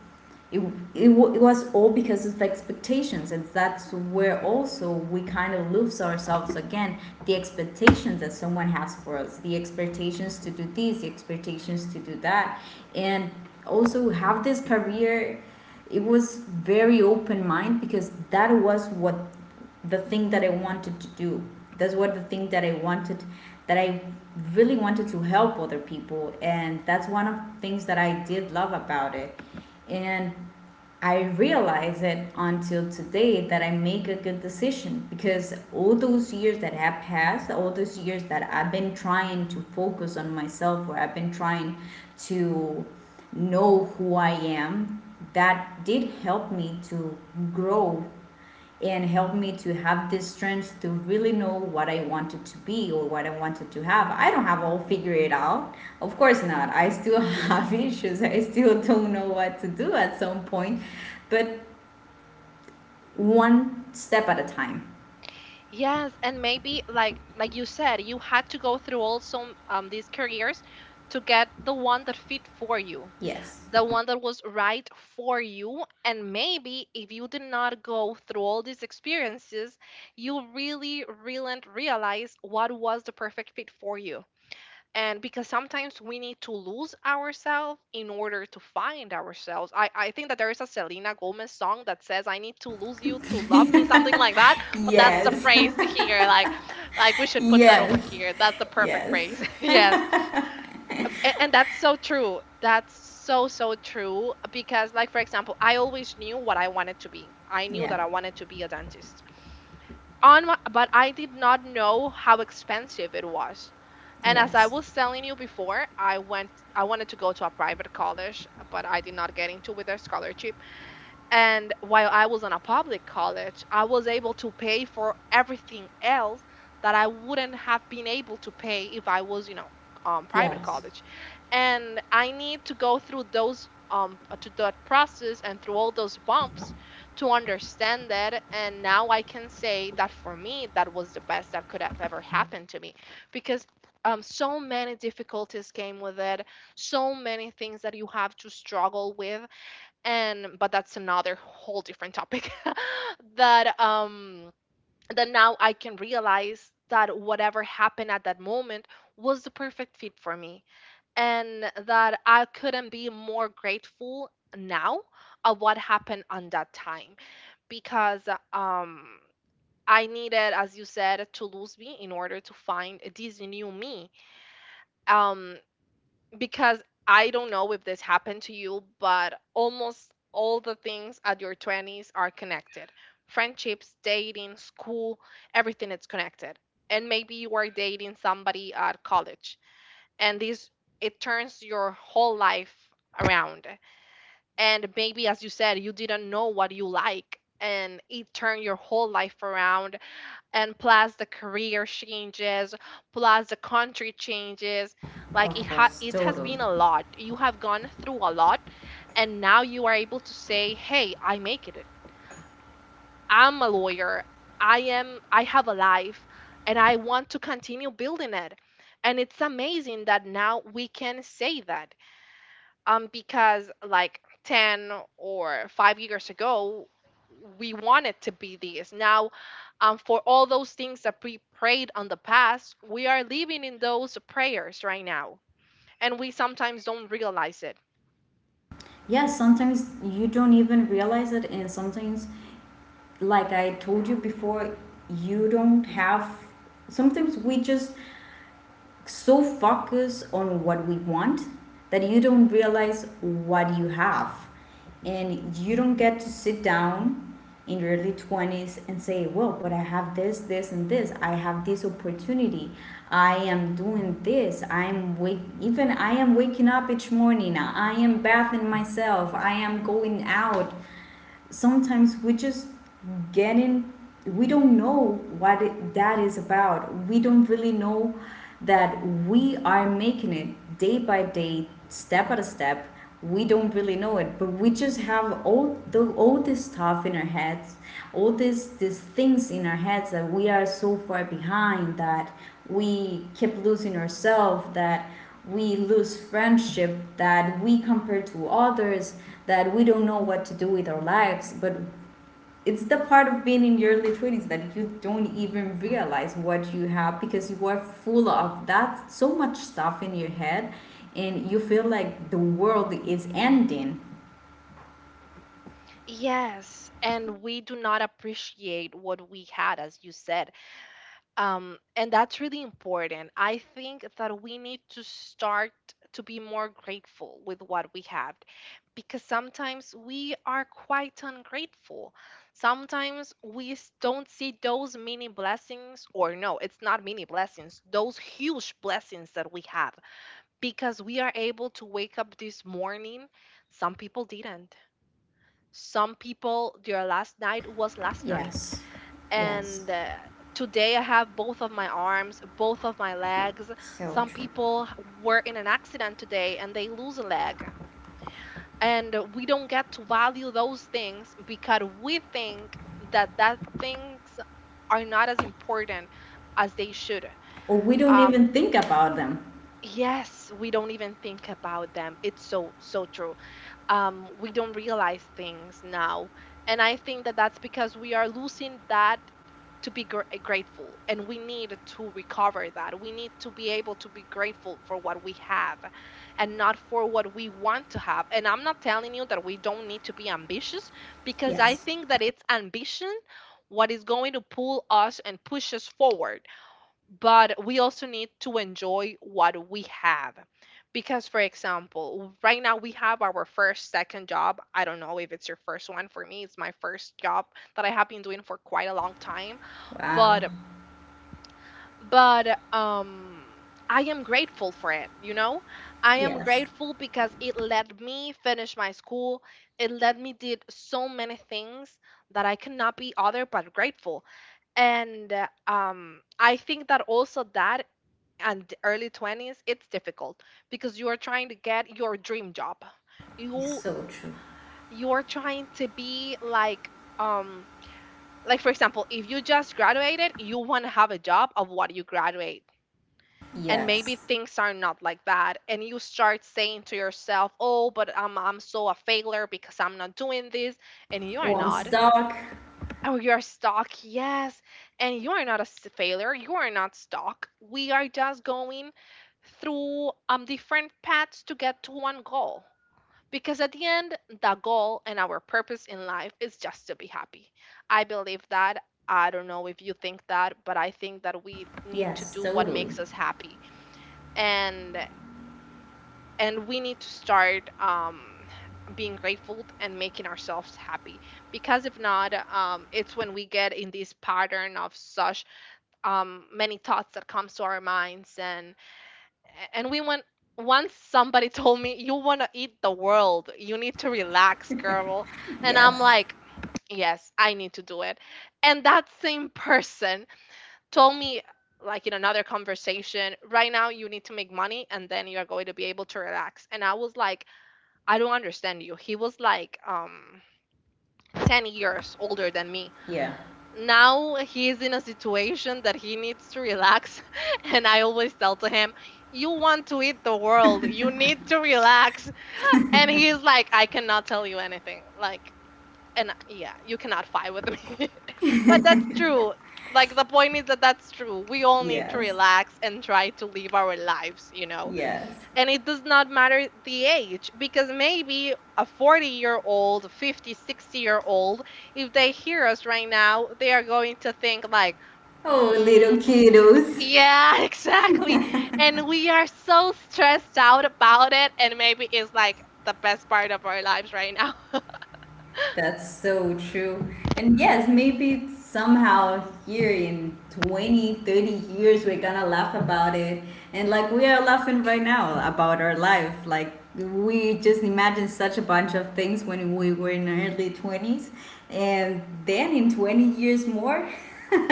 Speaker 2: it, it. It was all because of expectations, and that's where also we kind of lose ourselves again, the expectations that someone has for us, the expectations to do this, the expectations to do that, and also have this career. It was very open mind, because that was what the thing that I wanted to do, that's what the thing that I wanted, that I really wanted to help other people, and that's one of the things that I did love about it. And I realize it until today that I make a good decision, because all those years that have passed, all those years that I've been trying to focus on myself, or I've been trying to know who I am, that did help me to grow and helped me to have this strength to really know what I wanted to be or what I wanted to have. I don't have all figured it out. Of course not. I still have issues. I still don't know what to do at some point, but one step at a time.
Speaker 1: Yes, and maybe like you said, you had to go through also these careers to get the one that fit for you,
Speaker 2: Yes.
Speaker 1: the one that was right for you. And maybe if you did not go through all these experiences, you really, really realize what was the perfect fit for you, and because sometimes we need to lose ourselves in order to find ourselves. I think that there is a Selena Gomez song that says I need to lose you to love me, something like that, but that's the
Speaker 2: yes.
Speaker 1: phrase here. Like we should put that over
Speaker 2: Yes.
Speaker 1: here. That's the perfect
Speaker 2: Yes.
Speaker 1: phrase. Yes, and that's so true. That's so so true, because like for example, I always knew what I wanted to be. I knew
Speaker 2: Yeah.
Speaker 1: that I wanted to be a dentist on my, but I did not know how expensive it was. And as I
Speaker 2: Yes.
Speaker 1: was telling you before, I went I wanted to go to a private college, but I did not get into with their scholarship. And while I was in a public college, I was able to pay for everything else that I wouldn't have been able to pay if I was, you know, private
Speaker 2: Yes.
Speaker 1: college. And I need to go through those to that process and through all those bumps to understand that. And now I can say that for me, that was the best that could have ever happened to me, because so many difficulties came with it, so many things that you have to struggle with, and but that's another whole different topic that that now I can realize that whatever happened at that moment was the perfect fit for me, and that I couldn't be more grateful now of what happened on that time, because um I needed, as you said, to lose me in order to find this new me, um because I don't know if this happened to you, but almost all the things at your 20s are connected. Friendships, dating, school, everything is connected. And maybe you are dating somebody at college and this, it turns your whole life around. And maybe as you said, you didn't know what you like and it turned your whole life around, and plus the career changes, plus the country changes.
Speaker 2: Of
Speaker 1: Like it
Speaker 2: course.
Speaker 1: it has
Speaker 2: Total.
Speaker 1: been a lot. You have gone through a lot, and now you are able to say, hey, I make it, I'm a lawyer, I have a life, and I want to continue building it. And it's amazing that now we can say that. Because like 10 or 5 years ago we wanted to be this now. For all those things that we prayed on the past, we are living in those prayers right now, and we sometimes don't realize it.
Speaker 2: Yes, sometimes you don't even realize it. And sometimes, like I told you before, you don't have. Sometimes we just so focus on what we want that you don't realize what you have. And you don't get to sit down in your early 20s and say, well, but I have this, this, and this. I have this opportunity. I am doing this. I am wake even I am waking up each morning. I am bathing myself. I am going out. Sometimes we just get in, we don't know that is about, we don't really know that we are making it day by day, step by step. We don't really know it, but we just have all this stuff in our heads, all these things in our heads, that we are so far behind, that we keep losing ourselves, that we lose friendship, that we compare to others, that we don't know what to do with our lives. But it's the part of being in your early 20s that you don't even realize what you have, because you are full of that so much stuff in your head and you feel like the world is ending.
Speaker 1: Yes, and we do not appreciate what we had, as you said. And that's really important. I think that we need to start to be more grateful with what we have, because sometimes we are quite ungrateful. Sometimes we don't see those mini blessings, or no, it's not mini blessings, those huge blessings that we have, because we are able to wake up this morning. Some people didn't. Some people, their last night was last night,
Speaker 2: Yes. Yes,
Speaker 1: and today I have both of my arms, both of my legs.
Speaker 2: so
Speaker 1: Some
Speaker 2: true.
Speaker 1: people were in an accident today and they lose a leg, and we don't get to value those things because we think that that things are not as important as they should.
Speaker 2: Or we don't
Speaker 1: um
Speaker 2: even think about them.
Speaker 1: yes, we don't even think about them. It's so so true. We don't realize things now. And I think that that's because we are losing that, to be grateful, and we need to recover that. We need to be able to be grateful for what we have and not for what we want to have. And I'm not telling you that we don't need to be ambitious, because I
Speaker 2: Yes.
Speaker 1: think that it's ambition what is going to pull us and push us forward, but we also need to enjoy what we have. Because for example right now we have our first second job, I don't know if it's your first one, for me it's my first job that I have been doing for quite a long time.
Speaker 2: Wow.
Speaker 1: But but um I am grateful for it, you know. I am
Speaker 2: Yes.
Speaker 1: grateful because it let me finish my school, it let me did so many things that I cannot be other but grateful. And I think that also that, and early 20s it's difficult because you are trying to get your dream job.
Speaker 2: It's
Speaker 1: you
Speaker 2: so true.
Speaker 1: you're trying to be like, um like for example if you just graduated, you want to have a job of what you graduate, and maybe
Speaker 2: Yes.
Speaker 1: things are not like that and you start saying to yourself, oh, but I'm so a failure because I'm not doing this, and you are
Speaker 2: Oh, I'm
Speaker 1: not.
Speaker 2: stuck.
Speaker 1: Oh, you are stuck. Yes. And you are not a failure. You are not stuck. We are just going through different paths to get to one goal. Because at the end, the goal and our purpose in life is just to be happy. I believe that. I don't know if you think that, but I think that we need to
Speaker 2: Yes,
Speaker 1: do what
Speaker 2: totally.
Speaker 1: makes us happy. And and we need to start being grateful and making ourselves happy, because if not, it's when we get in this pattern of such many thoughts that comes to our minds, and we want, once somebody told me, you want to eat the world, you need to relax, girl. And I'm
Speaker 2: Yes.
Speaker 1: like, yes, I need to do it. And that same person told me, like in another conversation, right now you need to make money and then you are going to be able to relax. And I was like, I don't understand you. He was like 10 years older than me.
Speaker 2: Yeah.
Speaker 1: Now he's in a situation that he needs to relax, and I always tell to him, "You want to eat the world. You need to relax." And he's like, "I cannot tell you anything." Like and yeah, you cannot fight with me. But that's true. Like the point is that that's true. We all need to
Speaker 2: Yes.
Speaker 1: relax and try to live our lives.
Speaker 2: Yes.
Speaker 1: And it does not matter the age because maybe a 40-year-old 50, 60 year old, if they hear us right now, they are going to think like
Speaker 2: Oh,
Speaker 1: mm,
Speaker 2: little kiddos.
Speaker 1: yeah, exactly. And we are so stressed out about it, and maybe it's like the best part of our lives right now.
Speaker 2: That's so true. And yes, maybe somehow here in 20, 30 years, we're gonna laugh about it. And like we are laughing right now about our life. Like we just imagined such a bunch of things when we were in our early 20s. And then in 20 years more,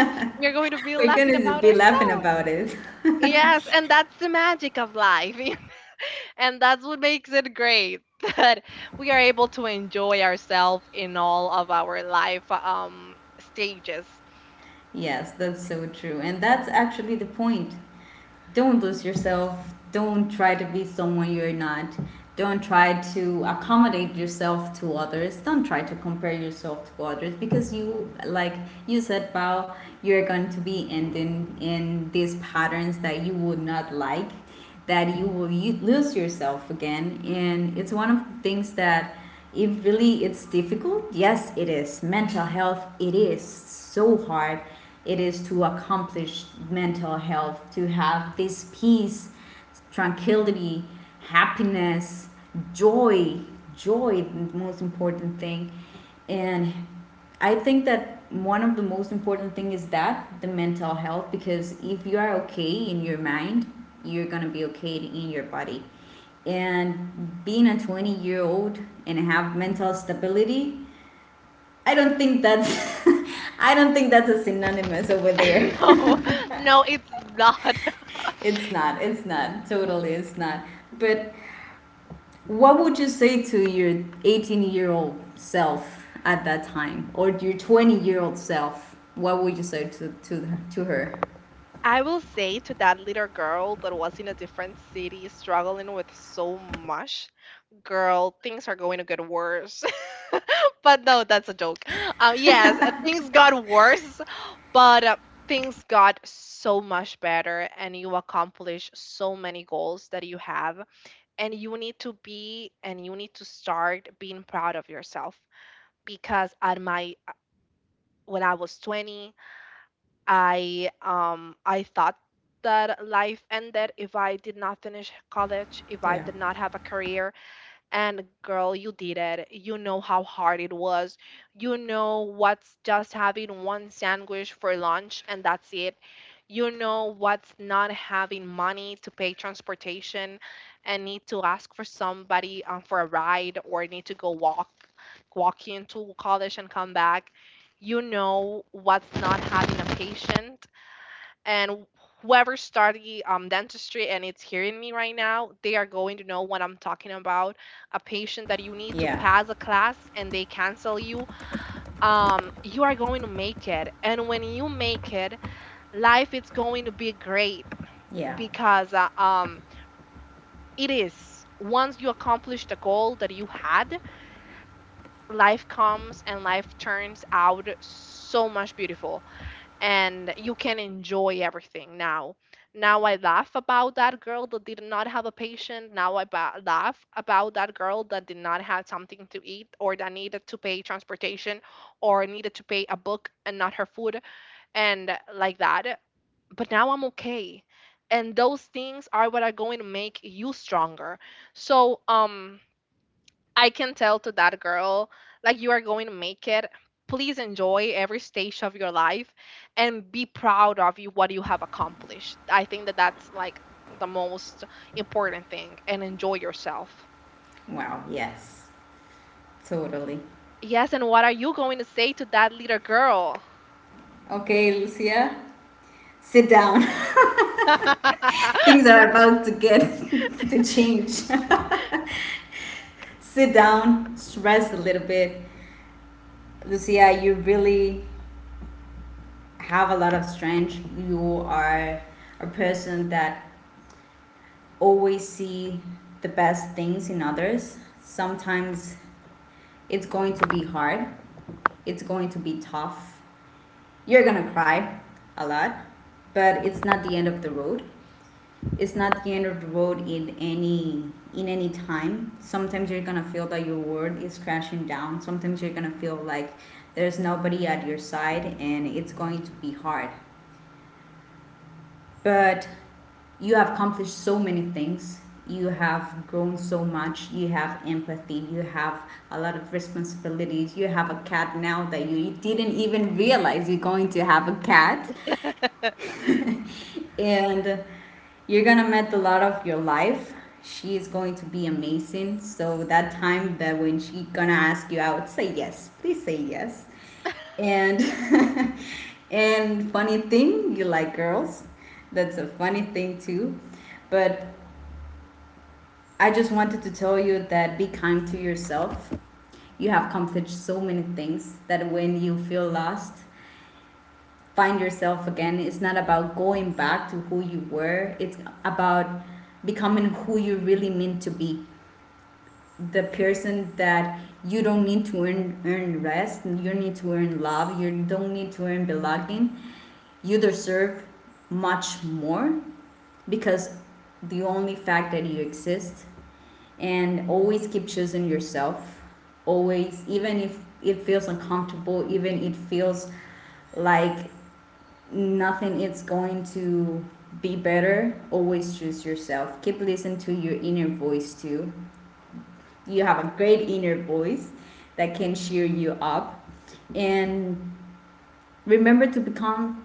Speaker 1: We're going to be
Speaker 2: we're
Speaker 1: laughing
Speaker 2: gonna
Speaker 1: about
Speaker 2: be laughing
Speaker 1: ourselves.
Speaker 2: about it.
Speaker 1: Yes, and that's the magic of life. And that's what makes it great, that we are able to enjoy ourselves in all of our life stages.
Speaker 2: Yes, that's so true. And that's actually the point. Don't lose yourself. Don't try to be someone you're not. Don't try to accommodate yourself to others. Don't try to compare yourself to others, because you, like you said, Bao, you're going to be ending in these patterns that you would not like, that you lose yourself again, and it's one of the things that, it really, it's difficult. Yes, it is
Speaker 1: Yeah.
Speaker 2: mental health, it is so hard, it is to accomplish mental health, to have this peace, tranquility, happiness, joy, joy, the most important thing. And I think that one of the most important thing is that the mental health, because if you are okay in your mind, you're going to be okay in your body. And being a 20-year-old and have mental stability, I don't think that's I don't think that's a synonymous over there.
Speaker 1: No, no, it's not.
Speaker 2: it's not. It's not. Totally it's not. But what would you say to your 18-year-old self at that time or your 20-year-old self? What would you say to her?
Speaker 1: I will say to that little girl that was in a different city struggling with so much, girl, things are going to get worse. But no, that's a joke. Yes, things got worse, but things got so much better, and you accomplish so many goals that you have. And you need to start being proud of yourself, because at my when I was 20, I thought that life ended if I did not finish college, if I
Speaker 2: Yeah.
Speaker 1: did not have a career. And girl, you did it. You know how hard it was. You know what's just having one sandwich for lunch and that's it. You know what's not having money to pay transportation and need to ask for somebody for a ride, or need to go walk into college and come back. You know what's not having a patient, and whoever study dentistry and it's hearing me right now, they are going to know what I'm talking about. A patient that you need to
Speaker 2: Yeah.
Speaker 1: pass a class and they cancel you. You are going to make it, and when you make it, life is going to be great,
Speaker 2: Yeah.
Speaker 1: because it is once you accomplish the goal that you had, life comes and life turns out so much beautiful, and you can enjoy everything now. Now I laugh about that girl that did not have a patient. Now I laugh about that girl that did not have something to eat, or that needed to pay transportation or needed to pay a book and not her food, and like that. But now I'm okay. And those things are what are going to make you stronger. So, I can tell to that girl, like, you are going to make it. Please enjoy every stage of your life and be proud of you, what you have accomplished. I think that that's like the most important thing, and enjoy yourself.
Speaker 2: Wow. Yes. Totally.
Speaker 1: Yes, and what are you going to say to that little girl?
Speaker 2: Okay, Lucia, sit down. Things are about to get to change. Sit down, stress a little bit. Lucia, you really have a lot of strength. You are a person that always see the best things in others. Sometimes it's going to be hard, it's going to be tough. You're gonna cry a lot, but it's not the end of the road. It's not the end of the road in any time. Sometimes you're gonna feel that your world is crashing down. Sometimes you're gonna feel like there's nobody at your side, and it's going to be hard. But you have accomplished so many things, you have grown so much, you have empathy, you have a lot of responsibilities, you have a cat now that you didn't even realize you're going to have a cat.
Speaker 1: And
Speaker 2: And you're gonna met the love of your life. She is going to be amazing. So that time that when she gonna ask you out, say yes. Please say yes. And and funny thing, you like girls. That's a funny thing too. But I just wanted to tell you that be kind to yourself. You have accomplished so many things that when you feel lost, find yourself again. It's not about going back to who you were, it's about becoming who you really mean to be. The person that you don't need to earn, rest, you need to earn love, you don't need to earn belonging. You deserve much more because the only fact that you exist, and always keep choosing yourself, always, even if it feels uncomfortable, even it feels like nothing is going to be better, always choose yourself. Keep listening to your inner voice too, you have a great inner voice that can cheer you up. And remember to become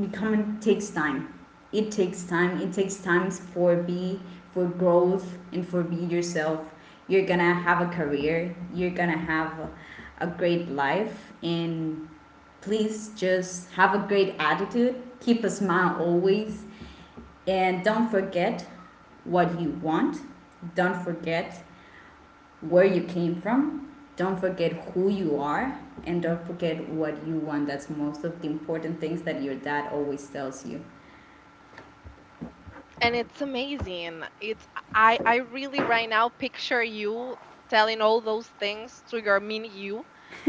Speaker 2: becoming takes time, it takes time for be, for growth, and for be yourself. You're gonna have a career, you're gonna have a great life. And please just have a great attitude, keep a smile always, and don't forget what you want, don't forget where you came from. Don't forget who you are, and don't forget what you want. That's most of the important things that your dad always tells you.
Speaker 1: it's amazing. It's I really right now picture you telling all those things to your mini you,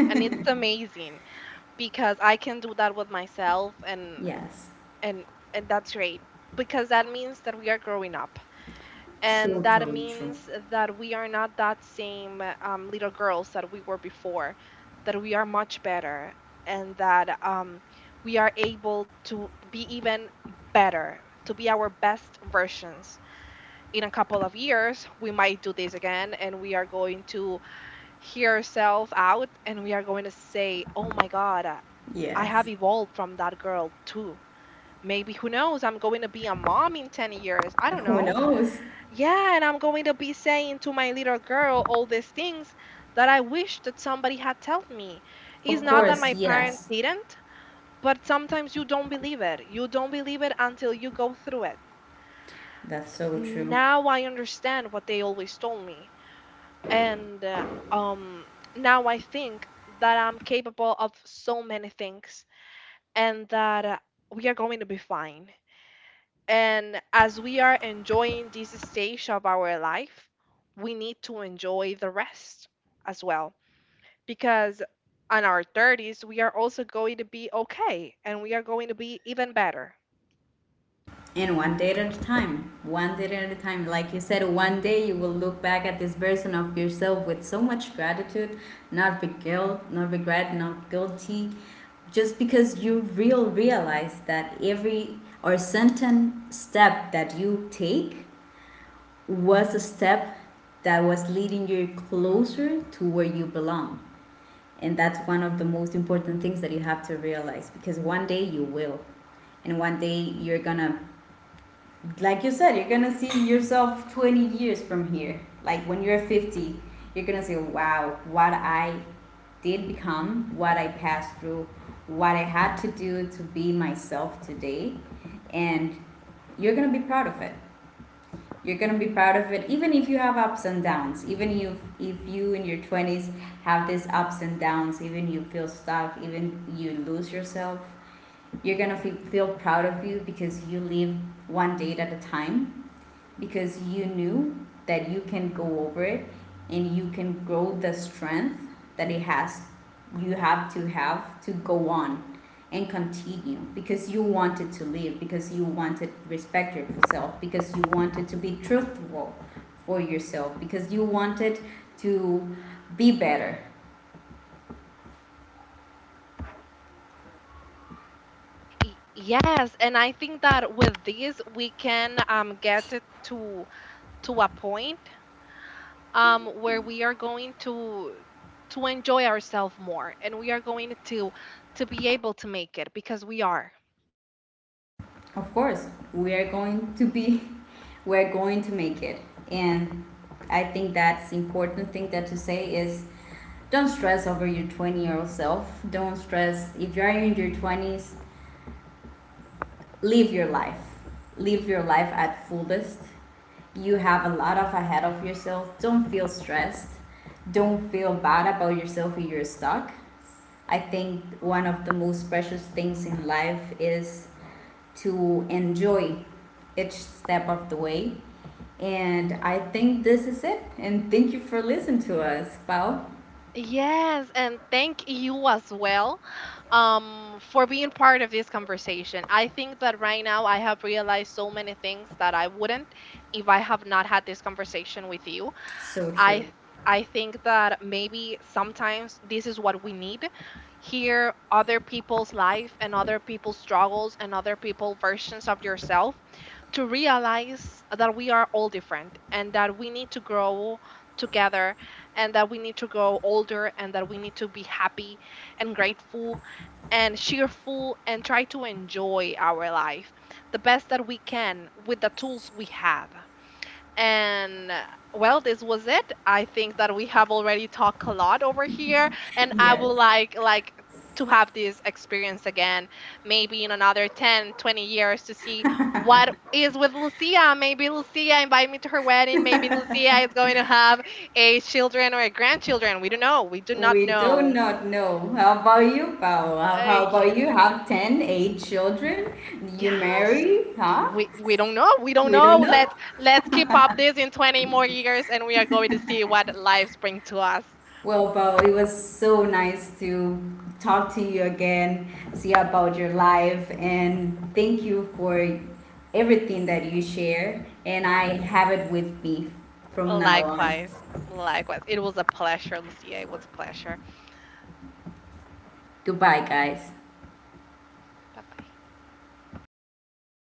Speaker 1: and it's amazing, because I can do that with myself,
Speaker 2: Yes.
Speaker 1: and and that's great, because that means that we are growing up,
Speaker 2: So
Speaker 1: and that
Speaker 2: totally true.
Speaker 1: means that we are not that same little girls that we were before, that we are much better, and that we are able to be even better, to be our best versions. In a couple of years we might do this again, and we are going to hear ourselves out and we are going to say, oh my god, I
Speaker 2: Yes.
Speaker 1: have evolved from that girl too. Maybe who knows? I'm going to be a mom in 10 years. I don't
Speaker 2: Who
Speaker 1: know.
Speaker 2: knows?
Speaker 1: Yeah, and I'm going to be saying to my little girl all these things that I wish that somebody had told me. It's
Speaker 2: Of
Speaker 1: not that
Speaker 2: course,
Speaker 1: my parents
Speaker 2: yes.
Speaker 1: didn't, but sometimes you don't believe it. You don't believe it until you go through it.
Speaker 2: That's so true.
Speaker 1: Now I understand what they always told me. And um now I think that I'm capable of so many things, and that we are going to be fine. And as we are enjoying this stage of our life, we need to enjoy the rest as well. Because on our 30s, we are also going to be okay and we are going to be even better.
Speaker 2: And one day at a time, one day at a time, like you said, one day you will look back at this version of yourself with so much gratitude, not with guilt, not regret, not guilty, just because you realize that every or certain step that you take was a step that was leading you closer to where you belong. And that's one of the most important things that you have to realize, because one day you will. And one day you're gonna, like you said, you're gonna see yourself 20 years from here. Like when you're 50, you're gonna say, wow, what I did become, what I passed through, what I had to do to be myself today. And you're gonna be proud of it, you're gonna be proud of it, even if you have ups and downs, even if you in your 20s have these ups and downs, even you feel stuck, even you lose yourself, you're gonna feel proud of you, because you live one day at a time, because you knew that you can go over it, and you can grow the strength that it has, you have to go on and continue, because you wanted to live, because you wanted to respect yourself, because you wanted to be truthful for yourself, because you wanted to be better.
Speaker 1: Yes, and I think that with this we can get it to a point where we are going to enjoy ourselves more, and we are going to be able to make it, because we are.
Speaker 2: Of course we are going to be we're going to make it. And I think that's important thing that to say is don't stress over your 20-year-old self, don't stress if you're in your 20s, live your life, live your life at fullest. You have a lot of ahead of yourself, don't feel stressed, don't feel bad about yourself if you're stuck. I think one of the most precious things in life is to enjoy each step of the way. And I think this is it, and thank you for listening to us. Wow.
Speaker 1: Yes, and thank you as well for being part of this conversation. I think that right now I have realized so many things that I wouldn't if I have not had this conversation with you.
Speaker 2: So true.
Speaker 1: I I think that maybe sometimes this is what we need. Hear other people's life and other people's struggles and other people's versions of yourself, to realize that we are all different and that we need to grow together, and that we need to grow older and that we need to be happy and grateful and cheerful and try to enjoy our life the best that we can with the tools we have. And well, this was it. I think that we have already talked a lot over here, and I would
Speaker 2: Yes.
Speaker 1: like to have this experience again, maybe in another 10, 20 years to see what is with Lucia. Maybe Lucia invite me to her wedding. Maybe Lucia is going to have a children or a grandchildren. We don't know. We do not
Speaker 2: We do
Speaker 1: know.
Speaker 2: not know. How about you, Paola? How
Speaker 1: Uh,
Speaker 2: about you? Have 10, 8 children? You
Speaker 1: yes.
Speaker 2: marry? Huh?
Speaker 1: We don't know. We don't
Speaker 2: We don't
Speaker 1: know.
Speaker 2: know.
Speaker 1: Let's keep up this in 20 more years and we are going to see what lives bring to us.
Speaker 2: Well, Paola, it was so nice to talk to you again, see about your life, and thank you for everything that you share. And I have it with me from now on.
Speaker 1: Likewise, likewise. It was a pleasure, Lucia. It was a pleasure.
Speaker 2: Goodbye, guys.
Speaker 1: Bye bye.